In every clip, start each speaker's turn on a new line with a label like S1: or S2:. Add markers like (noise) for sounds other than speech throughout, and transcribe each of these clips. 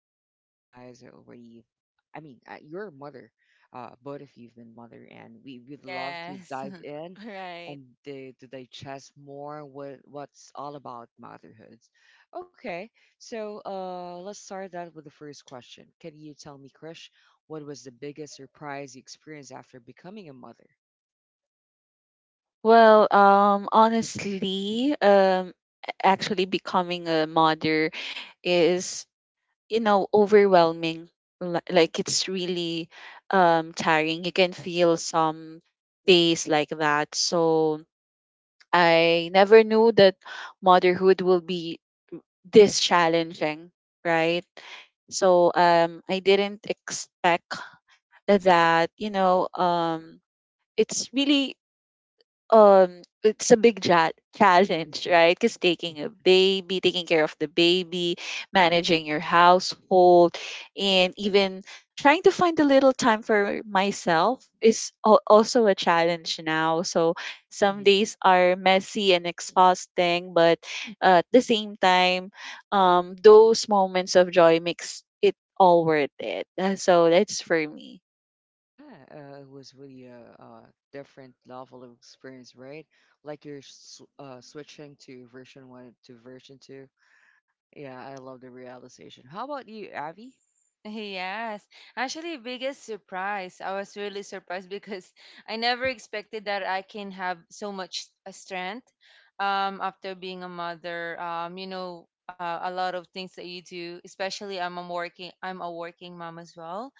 S1: that you guys are already, you're a mother. Both of you have been mother, and we would love to
S2: Yes.
S1: dive
S2: (laughs)
S1: in
S3: Right.
S1: and to digest more what's all about motherhood. Okay, so let's start that with the first question. Can you tell me, Krish, what was the biggest surprise you experienced after becoming a mother?
S3: Well, honestly, actually becoming a mother is, you know, overwhelming. Like it's really tiring. You can feel some days like that. So I never knew that motherhood will be this challenging, right? So I didn't expect that, you know, it's really it's a big challenge,
S1: Mhm.
S3: right? Because taking a baby taking care of the baby, managing your household, and even trying to find a little time for myself is also a challenge now. So some
S1: Mhm. (laughs)
S3: days are messy and exhausting, but at the same time, those moments of joy makes it all worth it. So that's for me.
S1: Yeah, it was really a, different level of experience, right? Like you're s switching to version one to version two. Yeah, I love the realization. How about you, Avi?
S2: Yes. Actually, biggest surprise. I was really surprised (laughs) because I never expected that I can have so much strength after being a mother. You know, a lot of things that you do, especially I'm a working mom as well.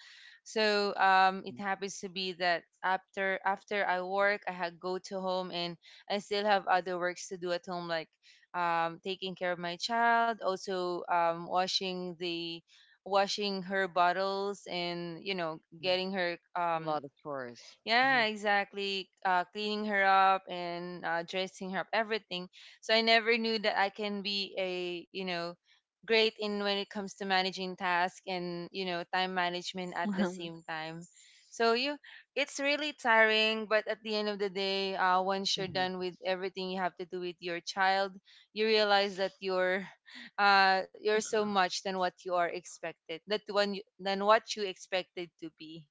S2: So
S1: Mm-hmm.
S2: it happens to be that after I work, I had go to home and I still have other works to do at home, like taking care of my child, also washing the washing her bottles, and you know
S1: Mm-hmm.
S2: getting her
S1: A lot of tourists. Mm-hmm.
S2: yeah, exactly. Cleaning her up and dressing her up, everything. So I never knew that I can be a, you know, great in when it comes to managing tasks and, you know, time management at the same time. So you, it's really tiring, but at the end of the day, once you're
S1: Mm-hmm.
S2: done with everything you have to do with your child, you realize that you're, (laughs) you're so much than what you are expected, that one than what you expected to be.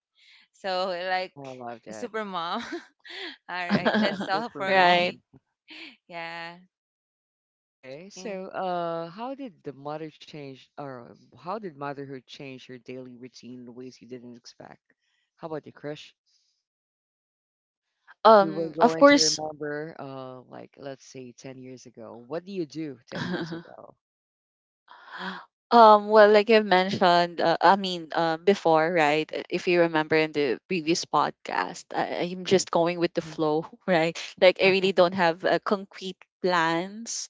S2: So like
S1: I love
S2: a
S1: that.
S2: super mom. (laughs) All right,
S1: Yeah,
S2: that's
S3: (laughs)
S2: all
S1: super
S2: for
S3: Right.
S2: me.
S1: mom.
S2: (laughs) Yeah.
S1: Okay,
S2: Mm.
S1: so how did the mother change, or how did motherhood change your daily routine in ways you didn't expect? How about you, Krish? If you were
S3: um of
S1: going to
S3: course
S1: remember, like let's say 10 years ago, what do you do 10 years
S3: (laughs)
S1: ago?
S3: Like I've mentioned, before, right? If you remember in the previous podcast, I'm just going with the
S1: Hmm
S3: flow, (laughs) right? Like I
S1: Uh-huh.
S3: really don't have concrete plans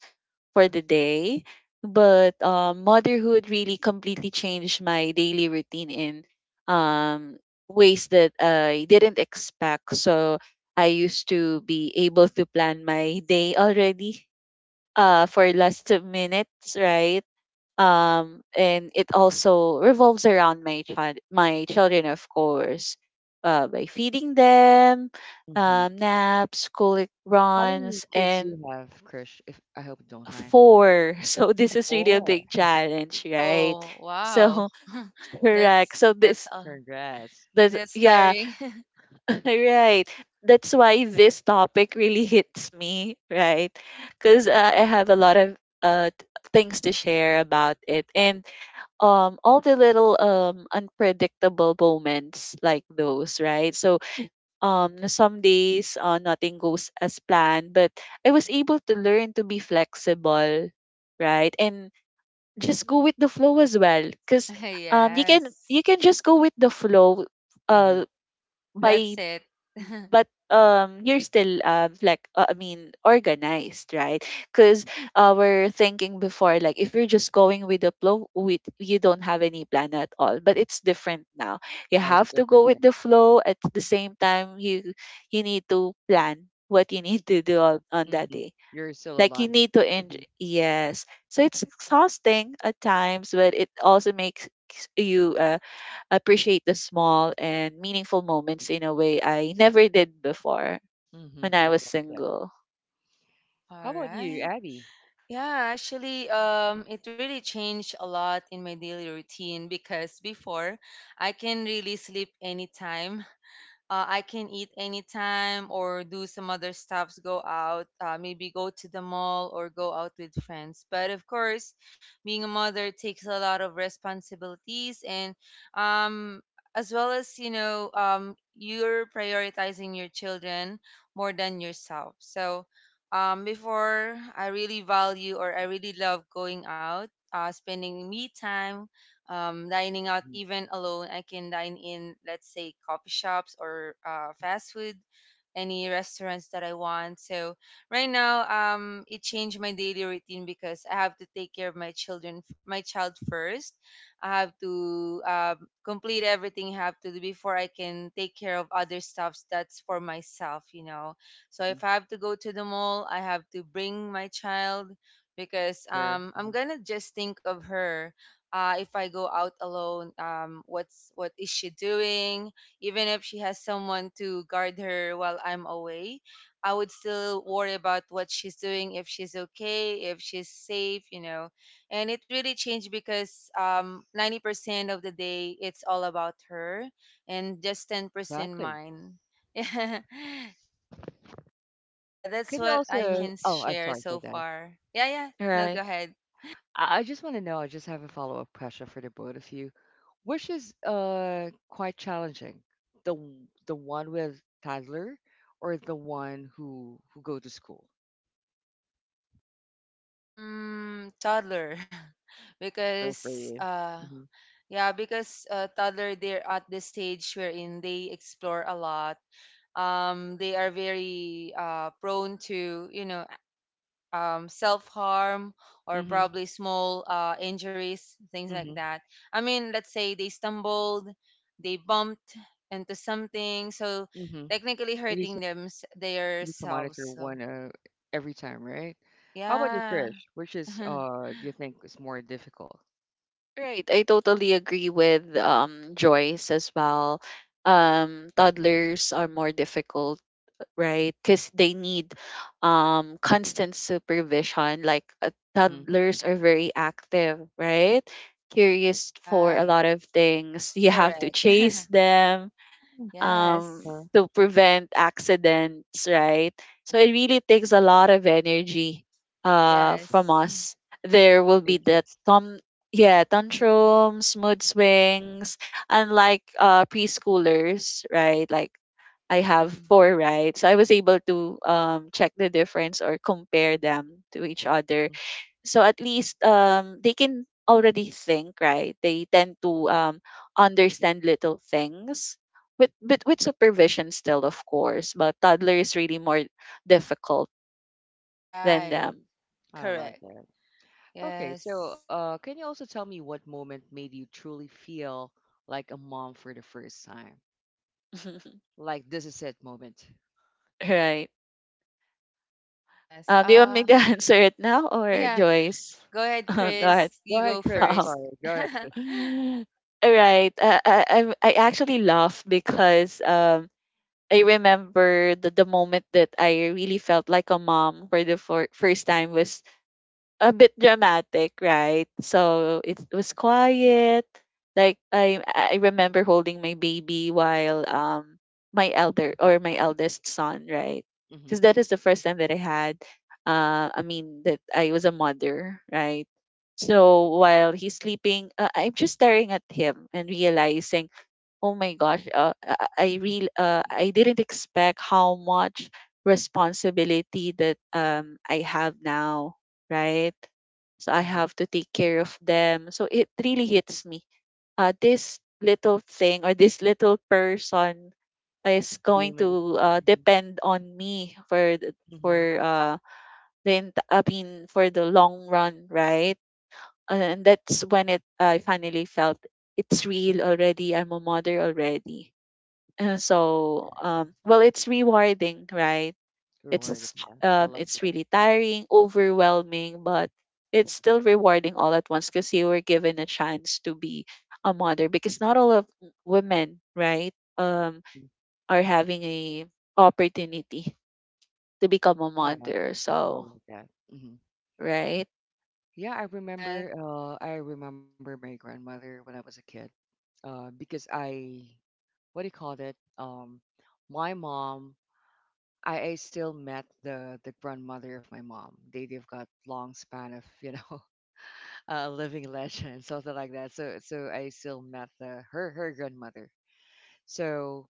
S3: for
S1: Uh-huh.
S3: the day, but motherhood really completely changed my daily routine in um ways that I didn't expect. So I used to be able to plan my day already,
S1: Mm-hmm.
S3: for last 2 minutes, right? And it also revolves around my children, of course, by feeding them,
S1: hmm
S3: naps, school
S1: How many
S3: runs,
S1: kids do
S3: and
S1: you have, Krish? If I hope you don't mind.
S3: four. (laughs) So
S1: Oh,
S3: this is really a
S1: four.
S3: big challenge, right?
S2: Oh, wow.
S3: So
S2: (laughs)
S3: (laughs) correct.
S2: That's
S3: So
S2: that's
S3: this
S2: all.
S1: Congrats.
S3: this
S2: That's
S3: yeah
S2: tiring. (laughs)
S3: (laughs) Right, that's why this topic really hits me, right?
S1: (laughs)
S3: Because I have a lot of things to share about it. And all the little unpredictable moments like those, right? So some days nothing goes as planned, but I was able to learn to be flexible, right, and just go with the flow as well. Because you can,
S2: Yes,
S3: you can just go with the flow,
S1: Mm-hmm.
S3: uh by
S2: that's it. (laughs) All
S3: but you're still organized, right? Because
S1: hmm
S3: we're thinking before like if you're just going with the flow with you don't have any plan at all, but it's different now. You
S1: Yeah, it's
S3: have to
S1: different.
S3: go with the flow, at the same time you you need to plan what you need to do on that
S1: Hmm
S3: day.
S1: You're still a
S3: Like you
S1: lion.
S3: need to end,
S1: Hmm
S3: yes. So it's exhausting at times, but it also makes you appreciate the small and meaningful moments in a way I never did before
S1: hmm
S3: when I
S1: I
S3: was
S1: like that.
S3: single.
S1: How about you,
S2: right.
S1: Abby?
S2: Yeah, actually, it really changed a lot in my daily routine because before I can really sleep anytime. I can eat anytime or do some other stuffs, go out, maybe go to the mall or go out with friends. But of course, being a mother takes a lot of responsibilities and um, as well as, you know, you're prioritizing your children more than yourself. So before, I really value or I really love going out, spending me time, dining out.
S1: Mm-hmm.
S2: Even alone I can dine in, let's say, coffee shops or fast food, any restaurants that I want. So right now, it changed my daily routine because I have to take care of my child first. I have to complete everything I have to do before I can take care of other stuffs that's for myself, you know. So
S1: Mm-hmm.
S2: if I have to go to the mall, I have to bring my child because
S1: Sure.
S2: I'm
S1: hmm
S2: gonna just think of her. If I go out alone, what is she doing? Even if she has someone to guard her while I'm away, I would still worry about what she's doing, if she's okay, if she's safe, you know. And it really changed because 90% of the day it's all about her, and just 10%
S1: Exactly.
S2: mine. (laughs) Yeah, yeah, that's
S1: Can you
S2: what I
S1: also?
S3: Mhm.
S2: can
S1: Oh, I'm
S2: share
S1: sorry for
S2: so
S1: that.
S2: far. Yeah, yeah. No, go
S3: Right.
S2: ahead.
S1: I just want to know. I just have a follow up question for the both of you, which is quite challenging. The one with toddler, or the one who go to school.
S2: Mm, toddler. (laughs)
S1: Toddler for
S2: because
S1: you.
S2: uh
S1: Mm-hmm.
S2: yeah, because toddler, they're at the stage wherein they explore a lot. They are very prone to, you know, self-harm or
S1: Mm-hmm.
S2: probably small injuries, things like
S1: Mm-hmm.
S2: that. I mean, let's say they stumbled, they bumped into something, so
S1: Mm-hmm.
S2: technically hurting
S1: You need to
S2: themselves.
S1: monitor
S2: So,
S1: one every time, right? How about you,
S2: yeah.
S1: Krish? Which is
S2: (laughs)
S1: do you think is more difficult?
S3: Right. I totally agree with Joyce as well. Toddlers are more difficult, right? Cuz they need constant supervision. Like
S1: Mm-hmm.
S3: toddlers are very active, right? Curious for a
S2: Right.
S3: lot of things. You have to
S2: Correct.
S3: chase them
S1: Uh-huh.
S2: Yes.
S3: to prevent accidents, right? So it really takes a lot of energy from
S2: Yes. (laughs)
S3: us. There will be the
S1: Patience.
S3: tom yeah, tantrums, mood swings, unlike preschoolers, right? Like I have
S2: Mm.
S3: four, right? So I was able to check the difference or compare them to each other.
S1: Mhm.
S3: So at least they can already think, right? They tend to understand little things with, but with supervision still, of course. But toddler is really more difficult than
S2: Right.
S3: them.
S1: I love
S2: Correct.
S1: that. Okay, so
S2: Yes.
S1: can you also tell me what moment made you truly feel like a mom for the first time?
S3: (laughs)
S1: Like this is it moment.
S3: Right.
S2: Yes.
S3: Do you want me to (laughs) answer it now, or
S2: Yeah.
S3: Joyce?
S2: Go
S3: (laughs)
S2: ahead,
S3: Go ahead.
S2: Chris.
S1: Go
S2: You
S1: ahead,
S2: go
S3: (laughs)
S1: Krish. I'm
S3: All
S2: first.
S1: sorry. Go
S2: (laughs)
S1: ahead, Krish.
S3: right. I actually laugh because I remember the moment that I really felt like a mom for the first time was a bit dramatic, right? So it was quiet. Like I remember holding my baby while my elder or my eldest son, right?
S1: Mhm.
S3: Because that is the first time that I had that I was a mother, right?
S1: mhm,
S3: So while he's sleeping, I'm just staring at him and realizing, oh my gosh, I
S1: (laughs)
S3: really I didn't expect how much responsibility that I have now, right? So I
S1: mhm.
S3: have to take care of them. So it really hits me. This little thing or this little person is going
S1: Human.
S3: to
S1: Mhm,
S3: depend on me for
S1: mhm.
S3: the ent- I mean for the long run, right? And that's when it I finally felt it's real already. I'm a mother already.
S1: Yeah,
S3: Well, it's rewarding, right?
S1: it's rewarding,
S3: it's
S1: yeah. I love
S3: it's
S1: that.
S3: really tiring, overwhelming, but it's still rewarding all at once. Because you were given a chance to be a mother. Because not all of women, right,
S1: Mhm.
S3: are having a opportunity to become a
S1: Yeah, I
S3: mother. So
S1: love that. Mhm.
S3: right.
S1: Yeah,
S2: Right.
S1: I remember my grandmother when I was a kid. Because I what do you call it? My mom, I still met the grandmother of my mom. They've got long span of, you know, (laughs) living legend, something like that. So so I still met the her grandmother. So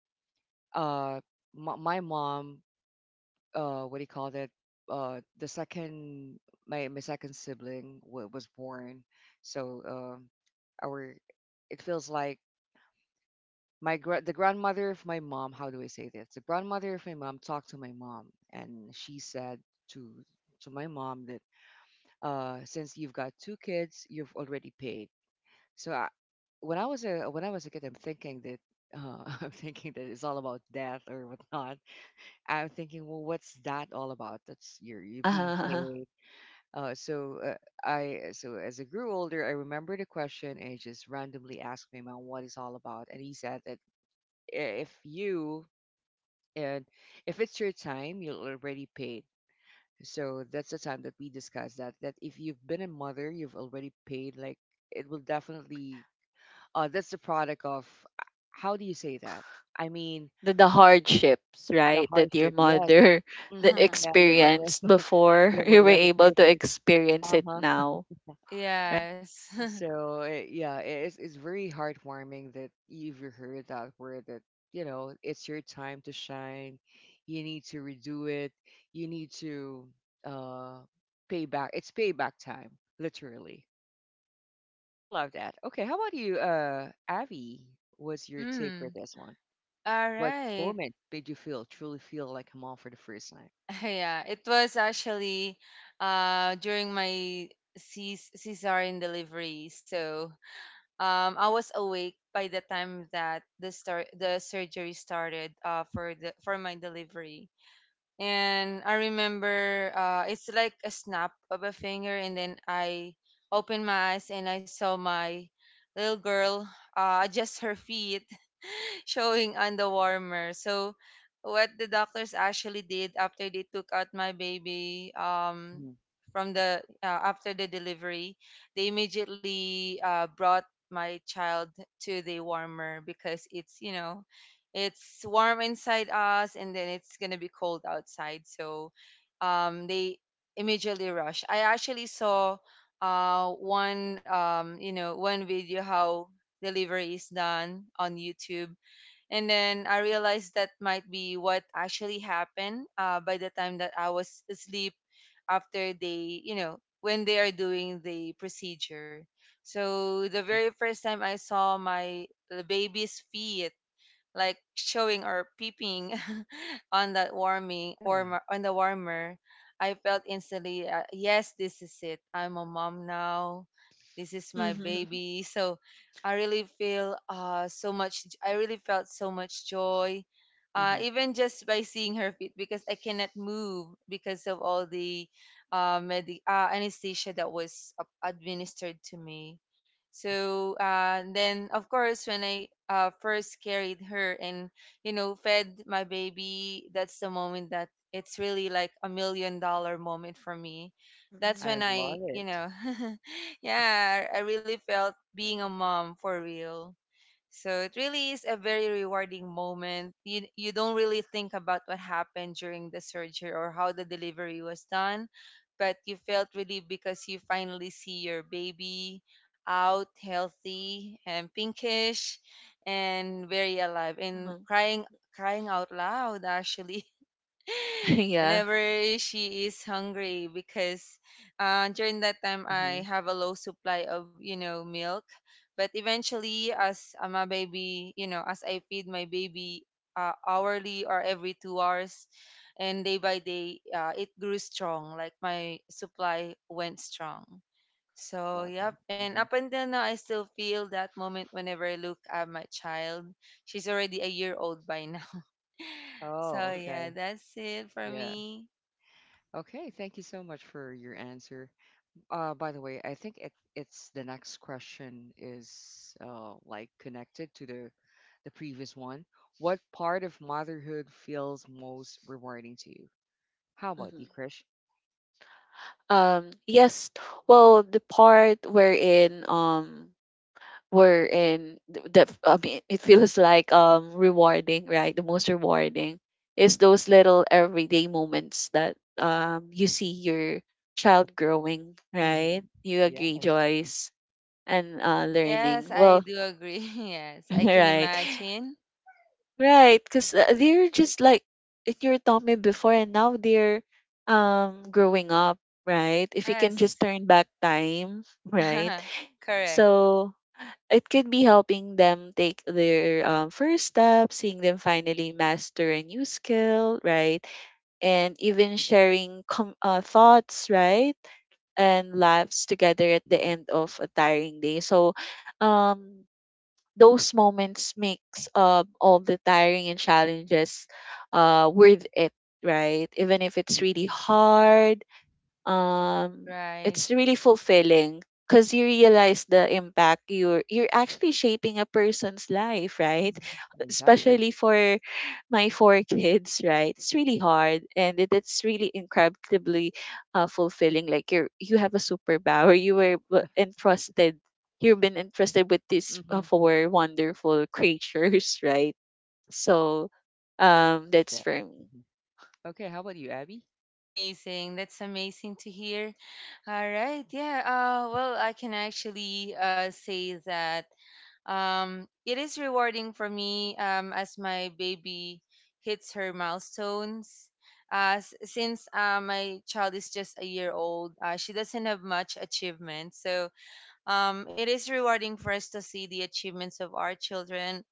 S1: uh my mom, what do you call that, the second, my second sibling was born. So our, it feels like the grandmother of my mom, how do I say this, the grandmother of my mom talked to my mom, and she said to my mom that since you've got two kids you've already paid. So when I was a when I was a kid I'm thinking that (laughs) I'm thinking that it's all about death or whatnot. I'm thinking, well, what's that all about? That's you're being
S3: uh,
S1: paid. Uh, so uh, I, so as I grew older, I remembered the question and just randomly asked my mom what it's all about, and he said that if you, and if it's your time, you're already paid. So that's the time that we discussed that if you've been a mother, you've already paid. Like it will definitely. That's the product of uh, how do you say that? I mean
S3: (laughs) the hardships,
S1: the
S3: right, that your
S1: hardship. Yes.
S3: mother (laughs) that
S1: Mm-hmm,
S2: (laughs)
S1: yeah, you've already.
S3: experienced
S1: You,
S3: before
S1: your
S3: (laughs) you were
S1: already
S3: able to
S1: favorite, is-
S3: experience it
S1: Uh-huh.
S3: now, right?
S2: Yes. (laughs)
S1: So eh, yeah, eh, it's very heartwarming that you've heard that word that you know it's your time to shine. You need to redo it. You need to uh pay back. It's payback time, literally. I love that. Okay, how about you, Avi? What's your take for
S2: Mm.
S1: this one?
S2: All
S1: What
S2: right.
S1: moment made you feel truly feel like a mom for the first time?
S2: (laughs) Yeah. It was actually during my cesarean delivery. So I was awake by the time that the surgery started, for the for my delivery, and I remember, it's like a snap of a finger, and then I opened my eyes and I saw my little girl, adjust her feet (laughs) showing on the warmer. So what the doctors actually did after they took out my baby,
S1: Mm-hmm.
S2: from the after the delivery, they immediately brought my child to the warmer because it's, you know, it's warm inside us, and then it's gonna be cold outside. So, they immediately rush. I actually saw one, one video how delivery is done on YouTube, and then I realized that might be what actually happened. By the time that I was asleep, after they, you know, when they are doing the procedure. So the very first time I saw my baby's feet, like, showing or peeping (laughs) on that warming
S1: Yeah.
S2: or on the warmer, I felt instantly, yes, this is it. I'm a mom now. This is my
S3: Mhm.
S2: baby. So I really feel, so much. I really felt so much joy,
S1: Mm-hmm.
S2: even just by seeing her feet because I cannot move because of all the anesthesia that was administered to me.
S1: hmm
S2: So and then, of course, when I, first carried her and you know fed my baby, that's the moment that it's really like a million dollar moment for me. That's
S3: Mhm.
S1: I
S2: when I,
S1: love
S2: you
S1: it.
S2: know (laughs) yeah I really felt being a mom for real. So it really is a very rewarding moment. You don't really think about what happened during the surgery or how the delivery was done, but you felt relieved because you finally see your baby out healthy and pinkish and very alive and crying, crying out loud, actually,
S3: (laughs)
S2: (laughs)
S3: Yeah.
S2: whenever she is hungry because, during that time
S1: Mm-hmm.
S2: I have a low supply of, you know, milk. But eventually, as, my baby, you know, as I feed my baby, hourly or every 2 hours, and day by day, it grew strong. Like my supply went strong.
S1: I
S2: So,
S1: love it.
S2: yep. And
S1: Mhm.
S2: up until now, I still feel that moment whenever I look at my child. She's already a year old by now. (laughs)
S1: Oh,
S2: So,
S1: okay.
S3: Mm-mm.
S2: yeah, that's it for
S1: Yeah.
S2: me.
S1: Okay. Thank you so much for your answer. By the way, I think it's the next question is like connected to the previous one. What part of motherhood feels most rewarding to you? How about you,
S3: Mhm.
S1: Krish?
S3: Yes. Well, the part wherein wherein th- the I mean it feels like rewarding, right? The most rewarding is those little everyday moments that you see your child growing, right?
S1: Hmm
S3: You agree,
S1: Yes.
S3: Joyce, and
S2: Ah,
S3: learning.
S2: yes, I
S3: Well,
S2: do agree. (laughs) Yes, I can
S3: (laughs) right.
S2: imagine.
S3: Right, because they're just like in your tummy before, and now they're growing up, right? If you can just
S2: Yes,
S3: turn back time, (laughs) right?
S2: (laughs) correct.
S3: So it could be helping them take their first step, seeing them finally master a new skill, right? And even sharing thoughts, right? And laughs together at the
S1: hmm
S3: end of a tiring day. So, um, those moments makes all the tiring and challenges worth it. Right, even if it's
S1: hmm
S3: really hard, um
S2: Right.
S3: it's really fulfilling. Because you realize the impact you're actually shaping a person's life, right?
S1: hmm Exactly.
S3: Especially for my four kids, right? It's really hard, and it's really incredibly fulfilling. Like you have a superpower. You've been entrusted with these
S1: hmm
S3: four wonderful creatures. (laughs) Right? So that's
S1: Yeah.
S3: for me.
S1: hmm Okay. How about you, Abby?
S2: Amazing. That's amazing to hear. All right. Yeah. Well, I can actually, say that, it is rewarding for me, as my baby hits her milestones. Since my child is just a year old, she doesn't have much achievement. So it is rewarding for us to see the achievements of our children.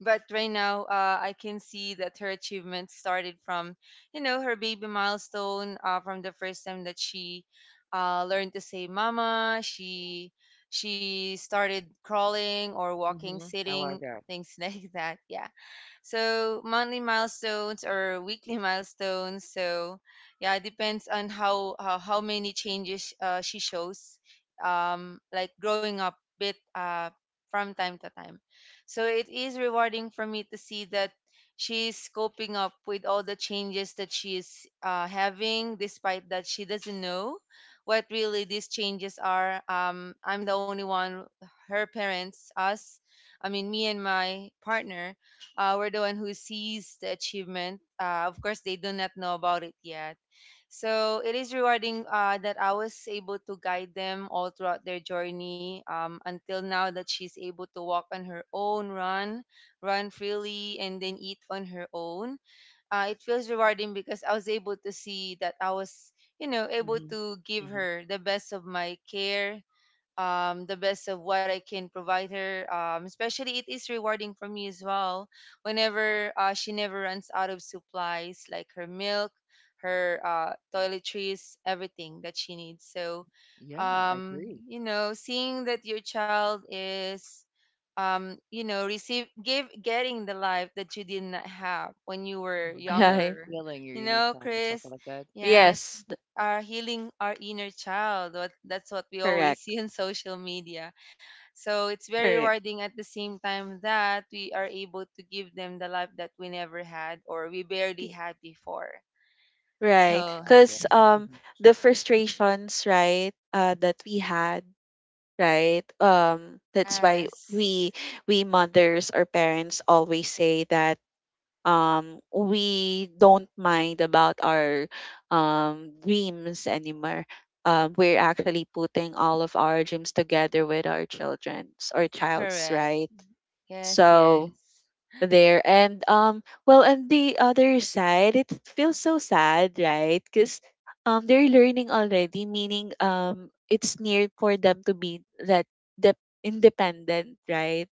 S2: But right now, I can see that her achievements started from, you know, her baby milestone, from the first time that she, learned to say mama. She started crawling or walking,
S1: Hmm I like
S2: sitting,
S1: that.
S2: things (laughs) like that. Yeah, so monthly milestones or weekly (laughs) milestones. So yeah, it depends on how how many changes, she shows, like growing up bit, from time to time. So it is rewarding for me to see that she's coping up with all the changes that she is, having, despite that she doesn't know what really these changes are. I'm the only one, her parents, us, I mean, me and my partner, we're the one who sees the achievement. Of course, they do not know about it yet. So it is rewarding, that I was able to guide them all throughout their journey, until now that she's able to walk on her own, run, run freely, and then eat on her own. It feels rewarding because I was able to see that I was, you know, able
S1: Hmm
S2: to give
S1: hmm
S2: her the best of my care, the best of what I can provide her. Especially, it is rewarding for me as well. Whenever, she never runs out of supplies, like her milk, her, toiletries, everything that she needs. So,
S1: Yeah, I agree.
S2: you know, seeing that your child is, you know, getting the life that you did not have when you were
S3: (laughs)
S1: Mhm, like
S3: Yeah.
S2: younger.
S1: healing your
S2: You
S1: inner
S2: know,
S1: child, and stuff
S2: Chris.
S1: like that?
S2: Yeah,
S1: Mhm.
S2: it's,
S3: yes th-
S2: are healing our inner child. What That's what we always
S3: Correct.
S2: (laughs) see on social media. So it's very
S3: Correct.
S2: rewarding at the same time that we are able to give them the life that we never had or we barely had before.
S3: Right.
S1: I
S2: So
S1: love that.
S3: Because
S1: Mhm.
S3: the frustrations, right, that we had, right? That's why
S2: yes,
S3: we mothers or parents always say that we don't mind about our dreams anymore. We're actually putting all of our dreams together with our children's or child's,
S2: correct.
S3: right?
S2: Yes,
S3: So
S2: yes.
S3: there. And well, on the other side, it feels so sad, right? Because they're learning already, meaning it's near for them to be that de- independent, right?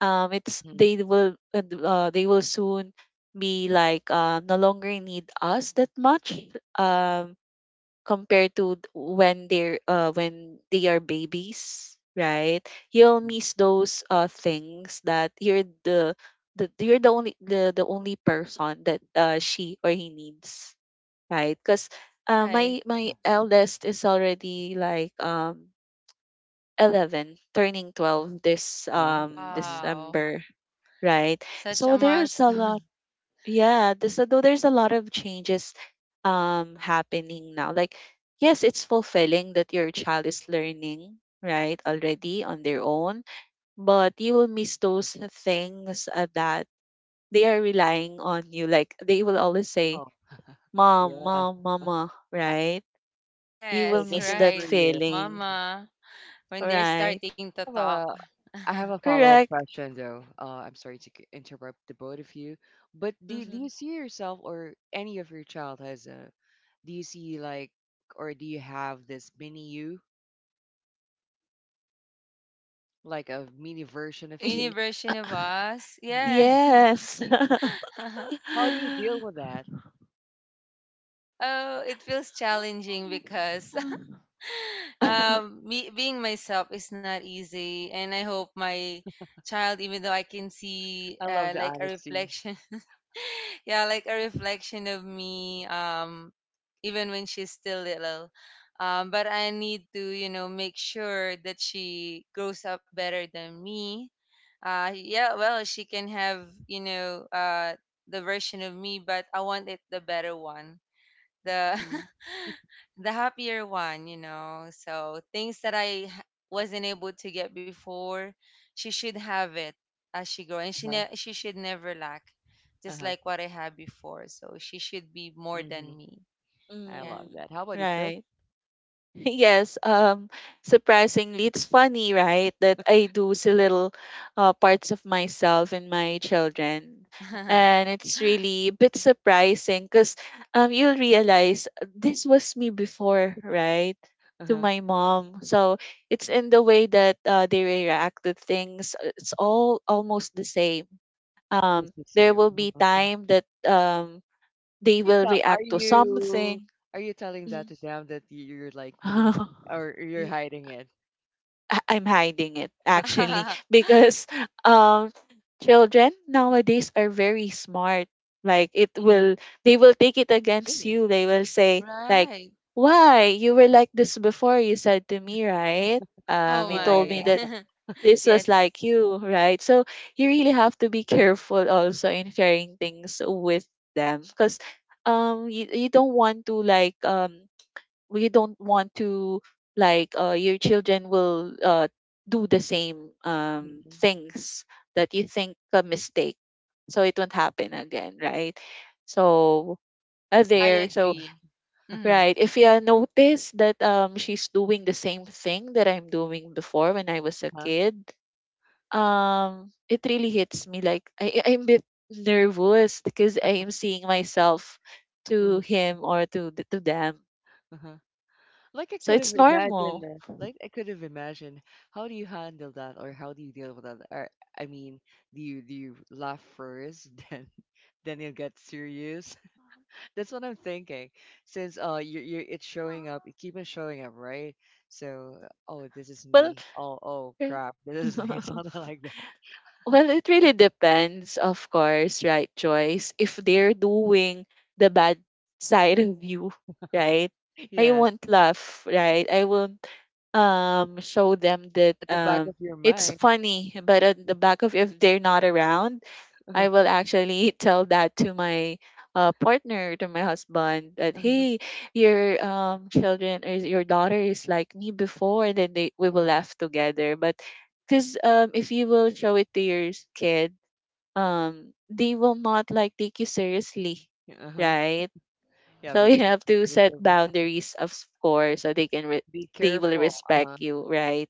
S3: it's
S1: mhm,
S3: They will they will soon be like no longer need us that much, um compared to when they're when they are babies, right? You'll
S1: mhm.
S3: miss those things that you're the only the only person that she or he needs, right? Because
S2: Right.
S3: my
S1: Yeah.
S3: eldest is already like 11, turning 12 this
S1: Wow. Uh-huh.
S2: Wow.
S3: December, right?
S2: Such
S3: So
S2: a
S3: there's a lot.
S2: milestone. (laughs)
S3: So though there's a lot of changes happening now. Like yes, it's fulfilling that your child is learning, right, already on their own, but you will miss those things that they are relying on you. Like they will always say,
S1: Oh, (laughs)
S3: "Mom,
S1: yeah.
S3: mom, mama," right? You will
S1: They're
S2: Yes,
S3: miss
S1: looking
S3: that
S1: for
S2: right.
S1: you.
S3: feeling,
S1: Mhm.
S2: Mama, when they're
S3: right?
S2: starting to
S1: I have
S2: talk.
S1: a I have
S2: (laughs)
S1: a follow-up
S3: Correct.
S1: question though. I'm sorry to interrupt the both of you, but do
S3: Mm-hmm.
S1: you see yourself or any of your child as a, do you see like, or do you have this mini you, like a mini version of
S2: Mini
S1: you?
S3: (laughs)
S2: version of us.
S1: (laughs) Yeah.
S2: Yes.
S3: Yes.
S2: (laughs)
S1: How do you deal with that?
S2: Oh, it feels challenging because (laughs)
S3: (laughs) (laughs)
S2: me, being myself is not easy, and I hope my child, even though I can see,
S1: I love the
S2: like a
S1: honesty.
S2: reflection, (laughs) yeah, like a reflection of me, even when she's still little. But I need to, you know, make sure that she grows up better than me. Yeah, well, she can have, you know, the version of me, but I want it the better one, the
S1: Mm-hmm.
S2: (laughs) the happier one, you know. So things that wasn't able to get before, she should have it as she grow, and
S1: Uh-huh,
S2: she should never lack, just
S1: uh-huh,
S2: like what I had before. So she should be more than
S1: mhm,
S2: me.
S1: I
S2: Yeah.
S1: love
S3: Mm,
S1: that. How about you, Chris?
S3: right. (laughs) Yes, um, surprisingly, it's funny, right, that I do see little parts of myself in my children.
S2: (laughs)
S3: And it's really a bit surprising because you'll realize this was me before, right, to
S1: Uh-huh.
S3: my mom. So it's in the way that they react to things. It's all almost the same.
S1: (laughs) It's the
S3: There
S1: same.
S3: will be
S1: Uh-huh.
S3: time that
S1: Are
S3: they
S1: you
S3: will
S1: tell are
S3: react to
S1: you
S3: something.
S1: are you telling that
S3: Mm.
S1: to them that you're like me?
S3: (laughs)
S1: Or you're
S3: N-
S1: hiding it?
S3: I'm hiding it actually because um children nowadays are very smart. Like it
S1: Mhm,
S3: will they will take it against
S1: great.
S3: you. They will say like,
S2: right.
S3: why you were like this before, you said to me, right?
S2: Oh
S3: You
S1: Oh my
S3: told
S2: my.
S3: me that
S1: god.
S2: (laughs)
S3: this
S2: yes,
S3: was like you, right? So you really have to be careful also in sharing things with them. Because you don't want to you don't want to your children will do the same
S1: Mhm,
S3: things that you think a mistake, so it won't happen again, right? So
S2: I
S1: yeah,
S3: there so
S2: agree. Mm-hmm.
S3: right, if you notice that she's doing the same thing that I'm doing before when I was a
S1: uh-huh,
S3: kid, it really hits me. Like I'm a bit nervous because I am seeing myself to
S1: mhm,
S3: him or to to them.
S1: uh-huh.
S3: So it's normal.
S1: Like I could have imagined, how do you handle that or how do you deal with that? Or I mean, do you laugh first, (laughs) then you get serious? That's what I'm thinking. Since you it's showing up, it keeps on showing up, right? So oh this is
S3: Well,
S1: me. Oh oh
S3: er
S1: crap, (laughs) this is me. (laughs)
S3: (laughs)
S1: Something like that.
S3: well, it really depends, of course, right, Joyce? If they're doing the bad side of you, right? I
S1: Yes.
S3: won't laugh, right? I will show them
S1: But
S3: that
S1: at the back of your
S3: it's
S1: mind. (laughs)
S3: funny but at the back of if they're not around,
S1: Uh-huh.
S3: I will actually (laughs) tell that to my partner, to my husband, that
S1: Uh-huh.
S3: hey, your children or your daughter is like me before and then they we will
S1: Uh-huh.
S3: laugh together. But because if you will show it to your kid, they will not like take you seriously,
S1: Yeah, uh-huh.
S3: right?
S1: Yeah,
S3: So you
S1: because it's
S3: have to set
S1: because of-
S3: boundaries, of course, so they can
S1: (laughs) be
S3: they will
S1: careful.
S3: respect
S1: Uh-huh.
S3: you, right?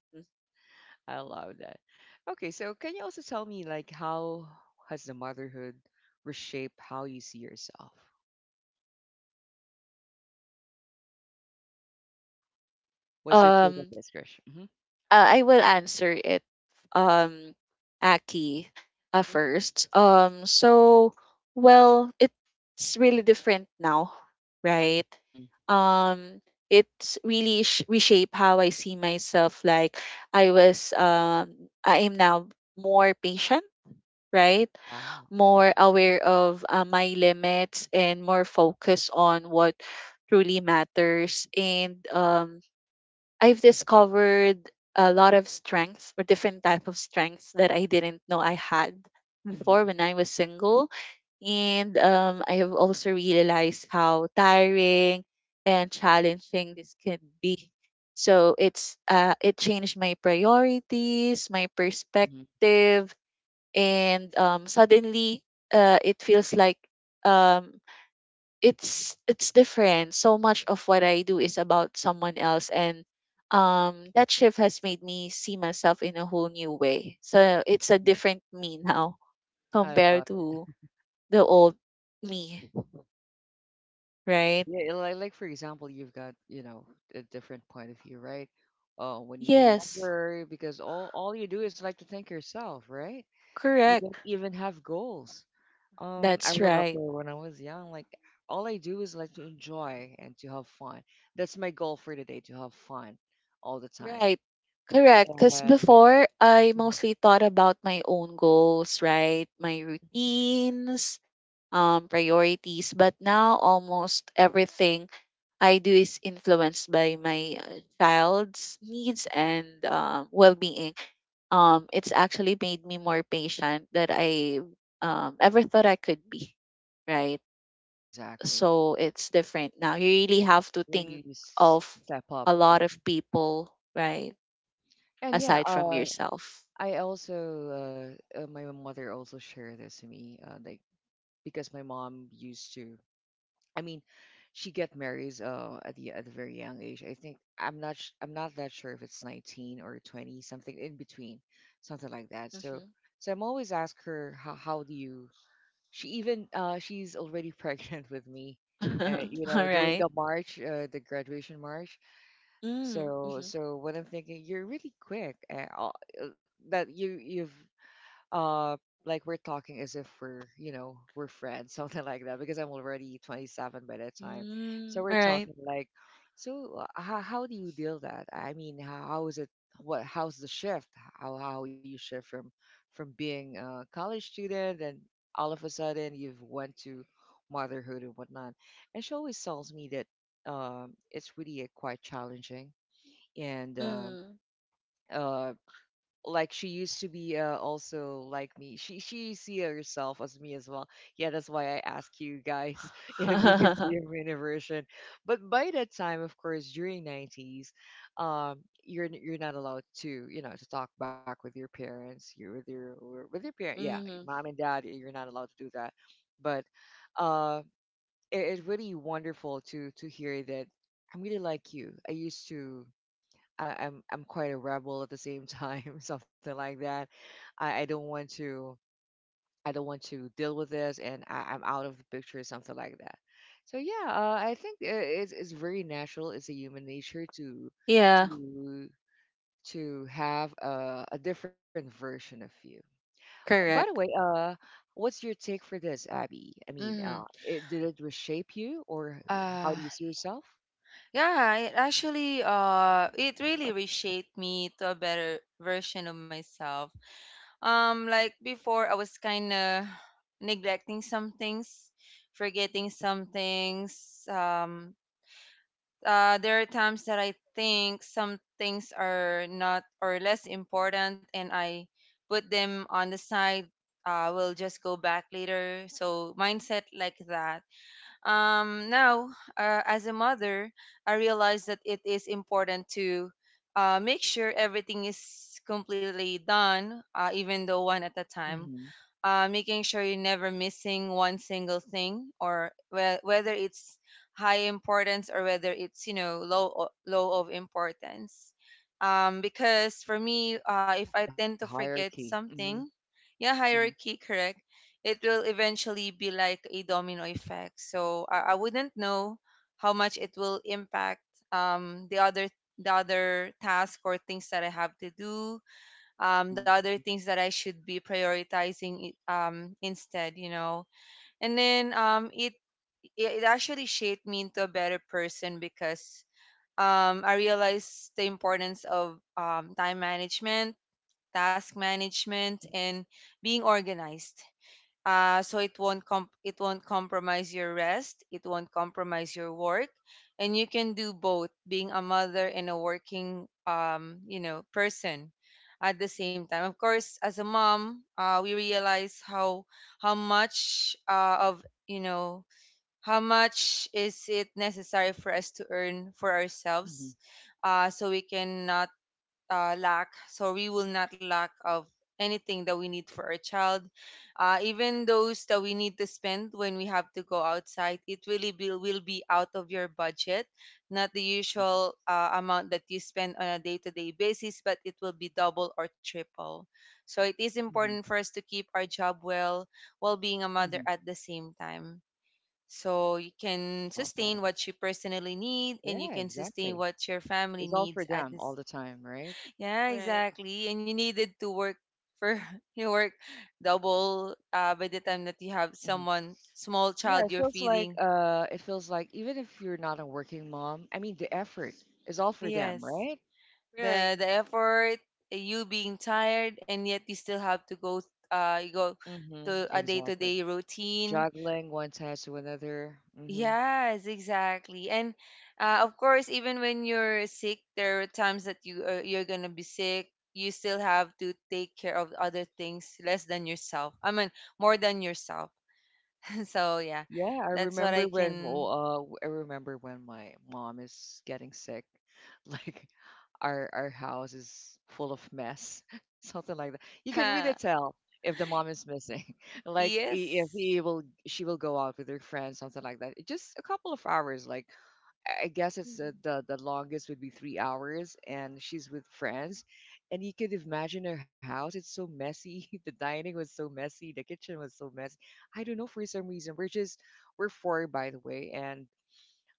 S1: I love that. Okay, so can you also tell me like how has the motherhood reshaped how you see yourself? What's your take on
S3: Um,
S1: this, Krish? Mm-hmm.
S3: I will answer it, um, Aki,
S1: Mm-hmm.
S3: first. So well, it's really different now, right?
S1: Mm-hmm.
S3: Um, it's really reshape how I see myself. Like I was, I am now more patient, right?
S1: Wow.
S3: More aware of my limits and more focused on what truly matters, and I've discovered a lot of strengths or different type of strengths that I didn't know I had before
S1: Mm-hmm.
S3: when I was single. And I have also realized how tiring and challenging this can be. So it's it changed my priorities, my
S1: Mm-hmm.
S3: perspective, and suddenly it feels like, um, it's different. So much of what I do is about someone else, and that shift has made me see myself in a whole new way. So it's a
S1: Mm-hmm.
S3: different me now, (laughs)
S1: I love
S3: compared
S1: it.
S3: to the old me,
S1: Okay,
S3: right?
S1: yeah, like for example, you've got, you know, a different point of view, right? When you were
S3: Yes,
S1: younger, because all you do is like to think yourself, right? You
S3: correct.
S1: don't even have goals. I
S3: That's
S1: remember
S3: right.
S1: when I was young, like all I do is like to enjoy and to have fun. That's my goal for the day, to have fun all the time.
S3: Right. Correct.
S1: And
S3: Because before, I mostly thought about my own goals, right? My
S1: Mhm.
S3: routines, priorities. But now almost everything I do is influenced by my child's needs and well-being. It's actually made me more patient that I ever thought I could be, right?
S1: Exactly,
S3: So it's different now. You really have to
S1: you,
S3: think
S1: you s-
S3: of
S1: step up.
S3: a lot
S1: Mhm.
S3: of people, right?
S1: And yeah,
S3: Aside from yourself.
S1: I also my mother also shared this to me like because my mom used to, I mean she get married at the at a very young age. I think I'm not that sure if it's 19 or 20 something in between, something like that. So so I'm always ask her how do you, she even she's already (laughs) pregnant with me and you
S3: Mm-hmm. (laughs) All
S1: know doing
S3: right.
S1: the march, the graduation march.
S3: Mm-hmm.
S1: So
S3: Mm-hmm.
S1: so what I'm thinking you're really quick that you've uh like we're talking as if we're you know we're friends, (laughs) something like that, because I'm already 27 by that time. So
S3: Mm, all
S1: we're
S3: right.
S1: talking like, so how do you deal that, I mean how is it, what how's the shift, how you shift from being a college student and all of a sudden you've went to motherhood and whatnot. And she always tells me that it's really quite challenging, and
S3: Mm.
S1: uh, like she used to be also like me, she see herself as me as well. Yeah, that's why I ask you guys (laughs) if you could see
S3: (laughs)
S1: her in a version. But by that time of course during 90s um you're not allowed to you know to talk back with your parents, you with your or with your parent, yeah,
S3: Hmm.
S1: mom and dad, you're not allowed to do that. But uh it, it's really wonderful to hear that. I'm really like you, I used to, I'm quite a rebel at the same time, (laughs) something like that. I don't want to, I don't want to deal with this, and I'm out of the picture, something like that. So yeah, I think it's very natural. It's a human nature to
S3: Yeah,
S1: to to have a different version of you. By the way,
S3: correct.
S1: what's your take for this, Abby? I mean,
S2: Mm-hmm.
S1: did it reshape you, or
S2: Uh,
S1: how do you see yourself?
S2: Yeah, it actually it really reshaped me to a better version of myself. Like before I was kind of neglecting some things, forgetting
S1: Hmm.
S2: some things. There are times that I think some things are not or less important and I put them on the side. Uh, we'll just go back later. So mindset like that, now, as a mother, I realize that it is important to make sure everything is completely done, even though one at a time,
S1: Hmm.
S2: making sure you're never missing one single thing or whether it's high importance or whether it's, you know, low of importance, because for me, if I
S1: Like the
S2: tend to forget
S1: hierarchy. Hmm.
S2: something, yeah, hierarchy, correct, it will eventually be like a domino effect, so I wouldn't know how much it will impact, the other, the other task or things that I have to do, the
S1: Hmm.
S2: other things that I should be prioritizing instead, you know. And then, it it actually shaped me into a better person because, I realized the importance of time management, task
S1: Hmm.
S2: management, and being organized, so it won't it won't compromise your rest, it won't compromise your work, and you can do both, being a mother and a working, you know, person at the same time. Of course, as a mom, we realize how much, of, you know, how much is it necessary for us to earn for
S1: Mhm,
S2: ourselves, so we can lack, so we will not lack of anything that we need for our child. Uh, even those that we need to spend when we have to go outside, it really will be out of your budget, not the
S1: mhm,
S2: usual, amount that you spend on a day-to-day basis, but it will be double or triple. So it is
S1: mhm,
S2: important for us to keep our job well while being a
S1: mhm.
S2: mother at the same time, so you
S1: I
S2: can
S1: love that.
S2: sustain what you personally need and you
S1: Yeah,
S2: can sustain
S1: exactly.
S2: what your family
S1: It's all
S2: needs
S1: for
S2: at
S1: them all
S2: this.
S1: the time, right?
S2: Yeah,
S3: Right.
S2: exactly. And you needed to work for, (laughs) you work double, by the time that you have
S1: Hmm.
S2: someone, small
S1: Yeah, it
S2: child you're
S1: feels like
S2: feeding.
S1: uh, it feels like even if you're not a working mom, I mean, the effort is all for them,
S2: Yes.
S1: right?
S3: Right.
S2: The effort, you being tired and yet you still have to go, uh, you go
S1: Mm-hmm.
S2: to a
S1: Exactly.
S2: day-to-day routine.
S1: Juggling one task to another. Mm-hmm.
S2: Yes, exactly. And, of course, even when you're sick, there are times that you, you're gonna be sick. You still have to take care of other things less than yourself. I mean, more than yourself. (laughs) So yeah,
S1: Yeah,
S2: that's what I can.
S1: I remember when my mom is getting sick. (laughs) Like our house is full of mess, (laughs) something like that. You
S2: (laughs)
S1: can really
S2: Yeah.
S1: tell if the mom is missing. (laughs) Like if he
S2: Yes.
S1: will she will go out with her friends, something like that. Just a couple of hours, like I guess it's the,
S3: Mhm.
S1: the the longest would be 3 hours, and she's with friends, and you could imagine her house. It's so messy. (laughs) The dining was so messy. The kitchen was so messy. I don't know for some reason. We're four, by the way, and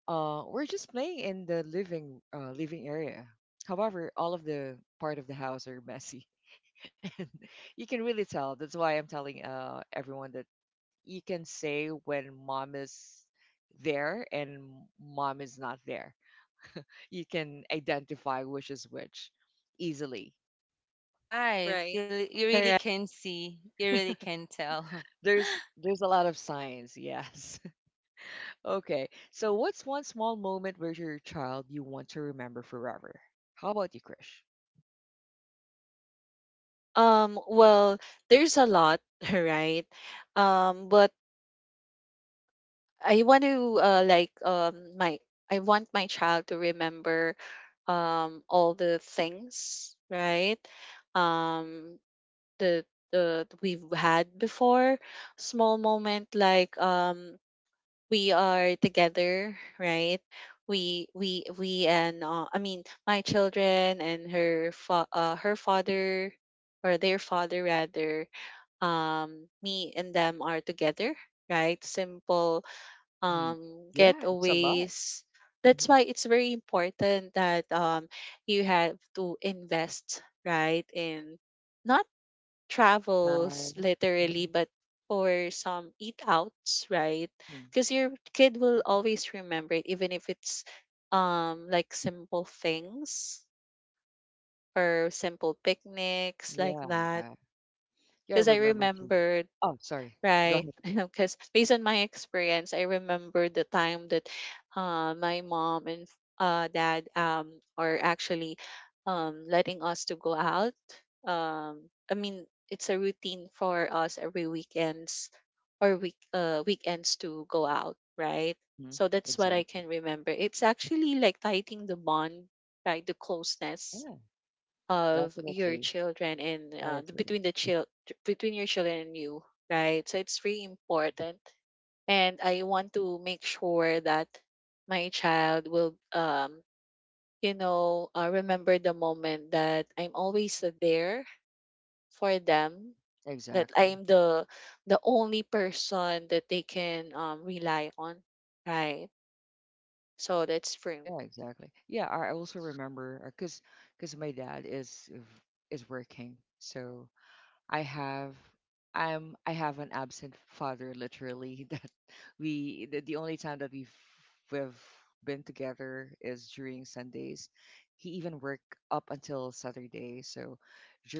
S1: we're just playing in the living area. However, all of the part of the house are messy. (laughs) You can really tell. That's why I'm telling everyone that you can say when mom is there and mom is not there, you can identify which is which easily.
S2: Right.
S3: Right.
S2: You really
S3: Correct.
S2: can see. You really can tell.
S1: There's
S2: (laughs)
S1: there's a lot of signs, yes. (laughs) Okay. So what's one small moment with your child you want to remember forever? How about you, Krish?
S3: Well, there's a lot, (laughs) right? But I want to like my I want my child to remember all the things, right? Um, the we've had before, small moment like we are together, right? We And I mean my children and her her father, or their father rather, me and them are together, right? Simple
S1: Mm-hmm. Yeah, it's a lot.
S3: getaways. That's
S1: Mm-hmm.
S3: why it's very important that you have to invest, right, in not travels
S1: Time.
S3: literally but for some eat outs, right?
S1: Mm-hmm.
S3: Because your kid will always remember it, even if it's like simple things or simple picnics like
S1: Yeah.
S3: that.
S1: Yeah, I
S3: Because I
S1: remember too.
S3: remember,
S1: Oh, sorry. Go
S3: right.
S1: ahead.
S3: (laughs) Because based on my experience, I remember the time that my mom and dad are actually letting us to go out. I mean, it's a routine for us every weekends or weekends to go out, right?
S1: Hmm.
S3: So that's what I can
S1: Exactly.
S3: remember. It's actually like tightening the bond, right? The closeness
S1: Yeah,
S3: of your
S1: definitely.
S3: children and
S1: I agree.
S3: between the child, between your children and you, right? So it's really important, and I want to make sure that my child will remember the moment that I'm always there for them, that I
S1: Exactly.
S3: am the only person that they can rely on, right? So that's for me.
S1: Yeah, exactly. Yeah, I also remember because my dad is working, so I have I have an absent father literally (laughs) that the only time that we've been together is during Sundays. He even worked up until Saturday, so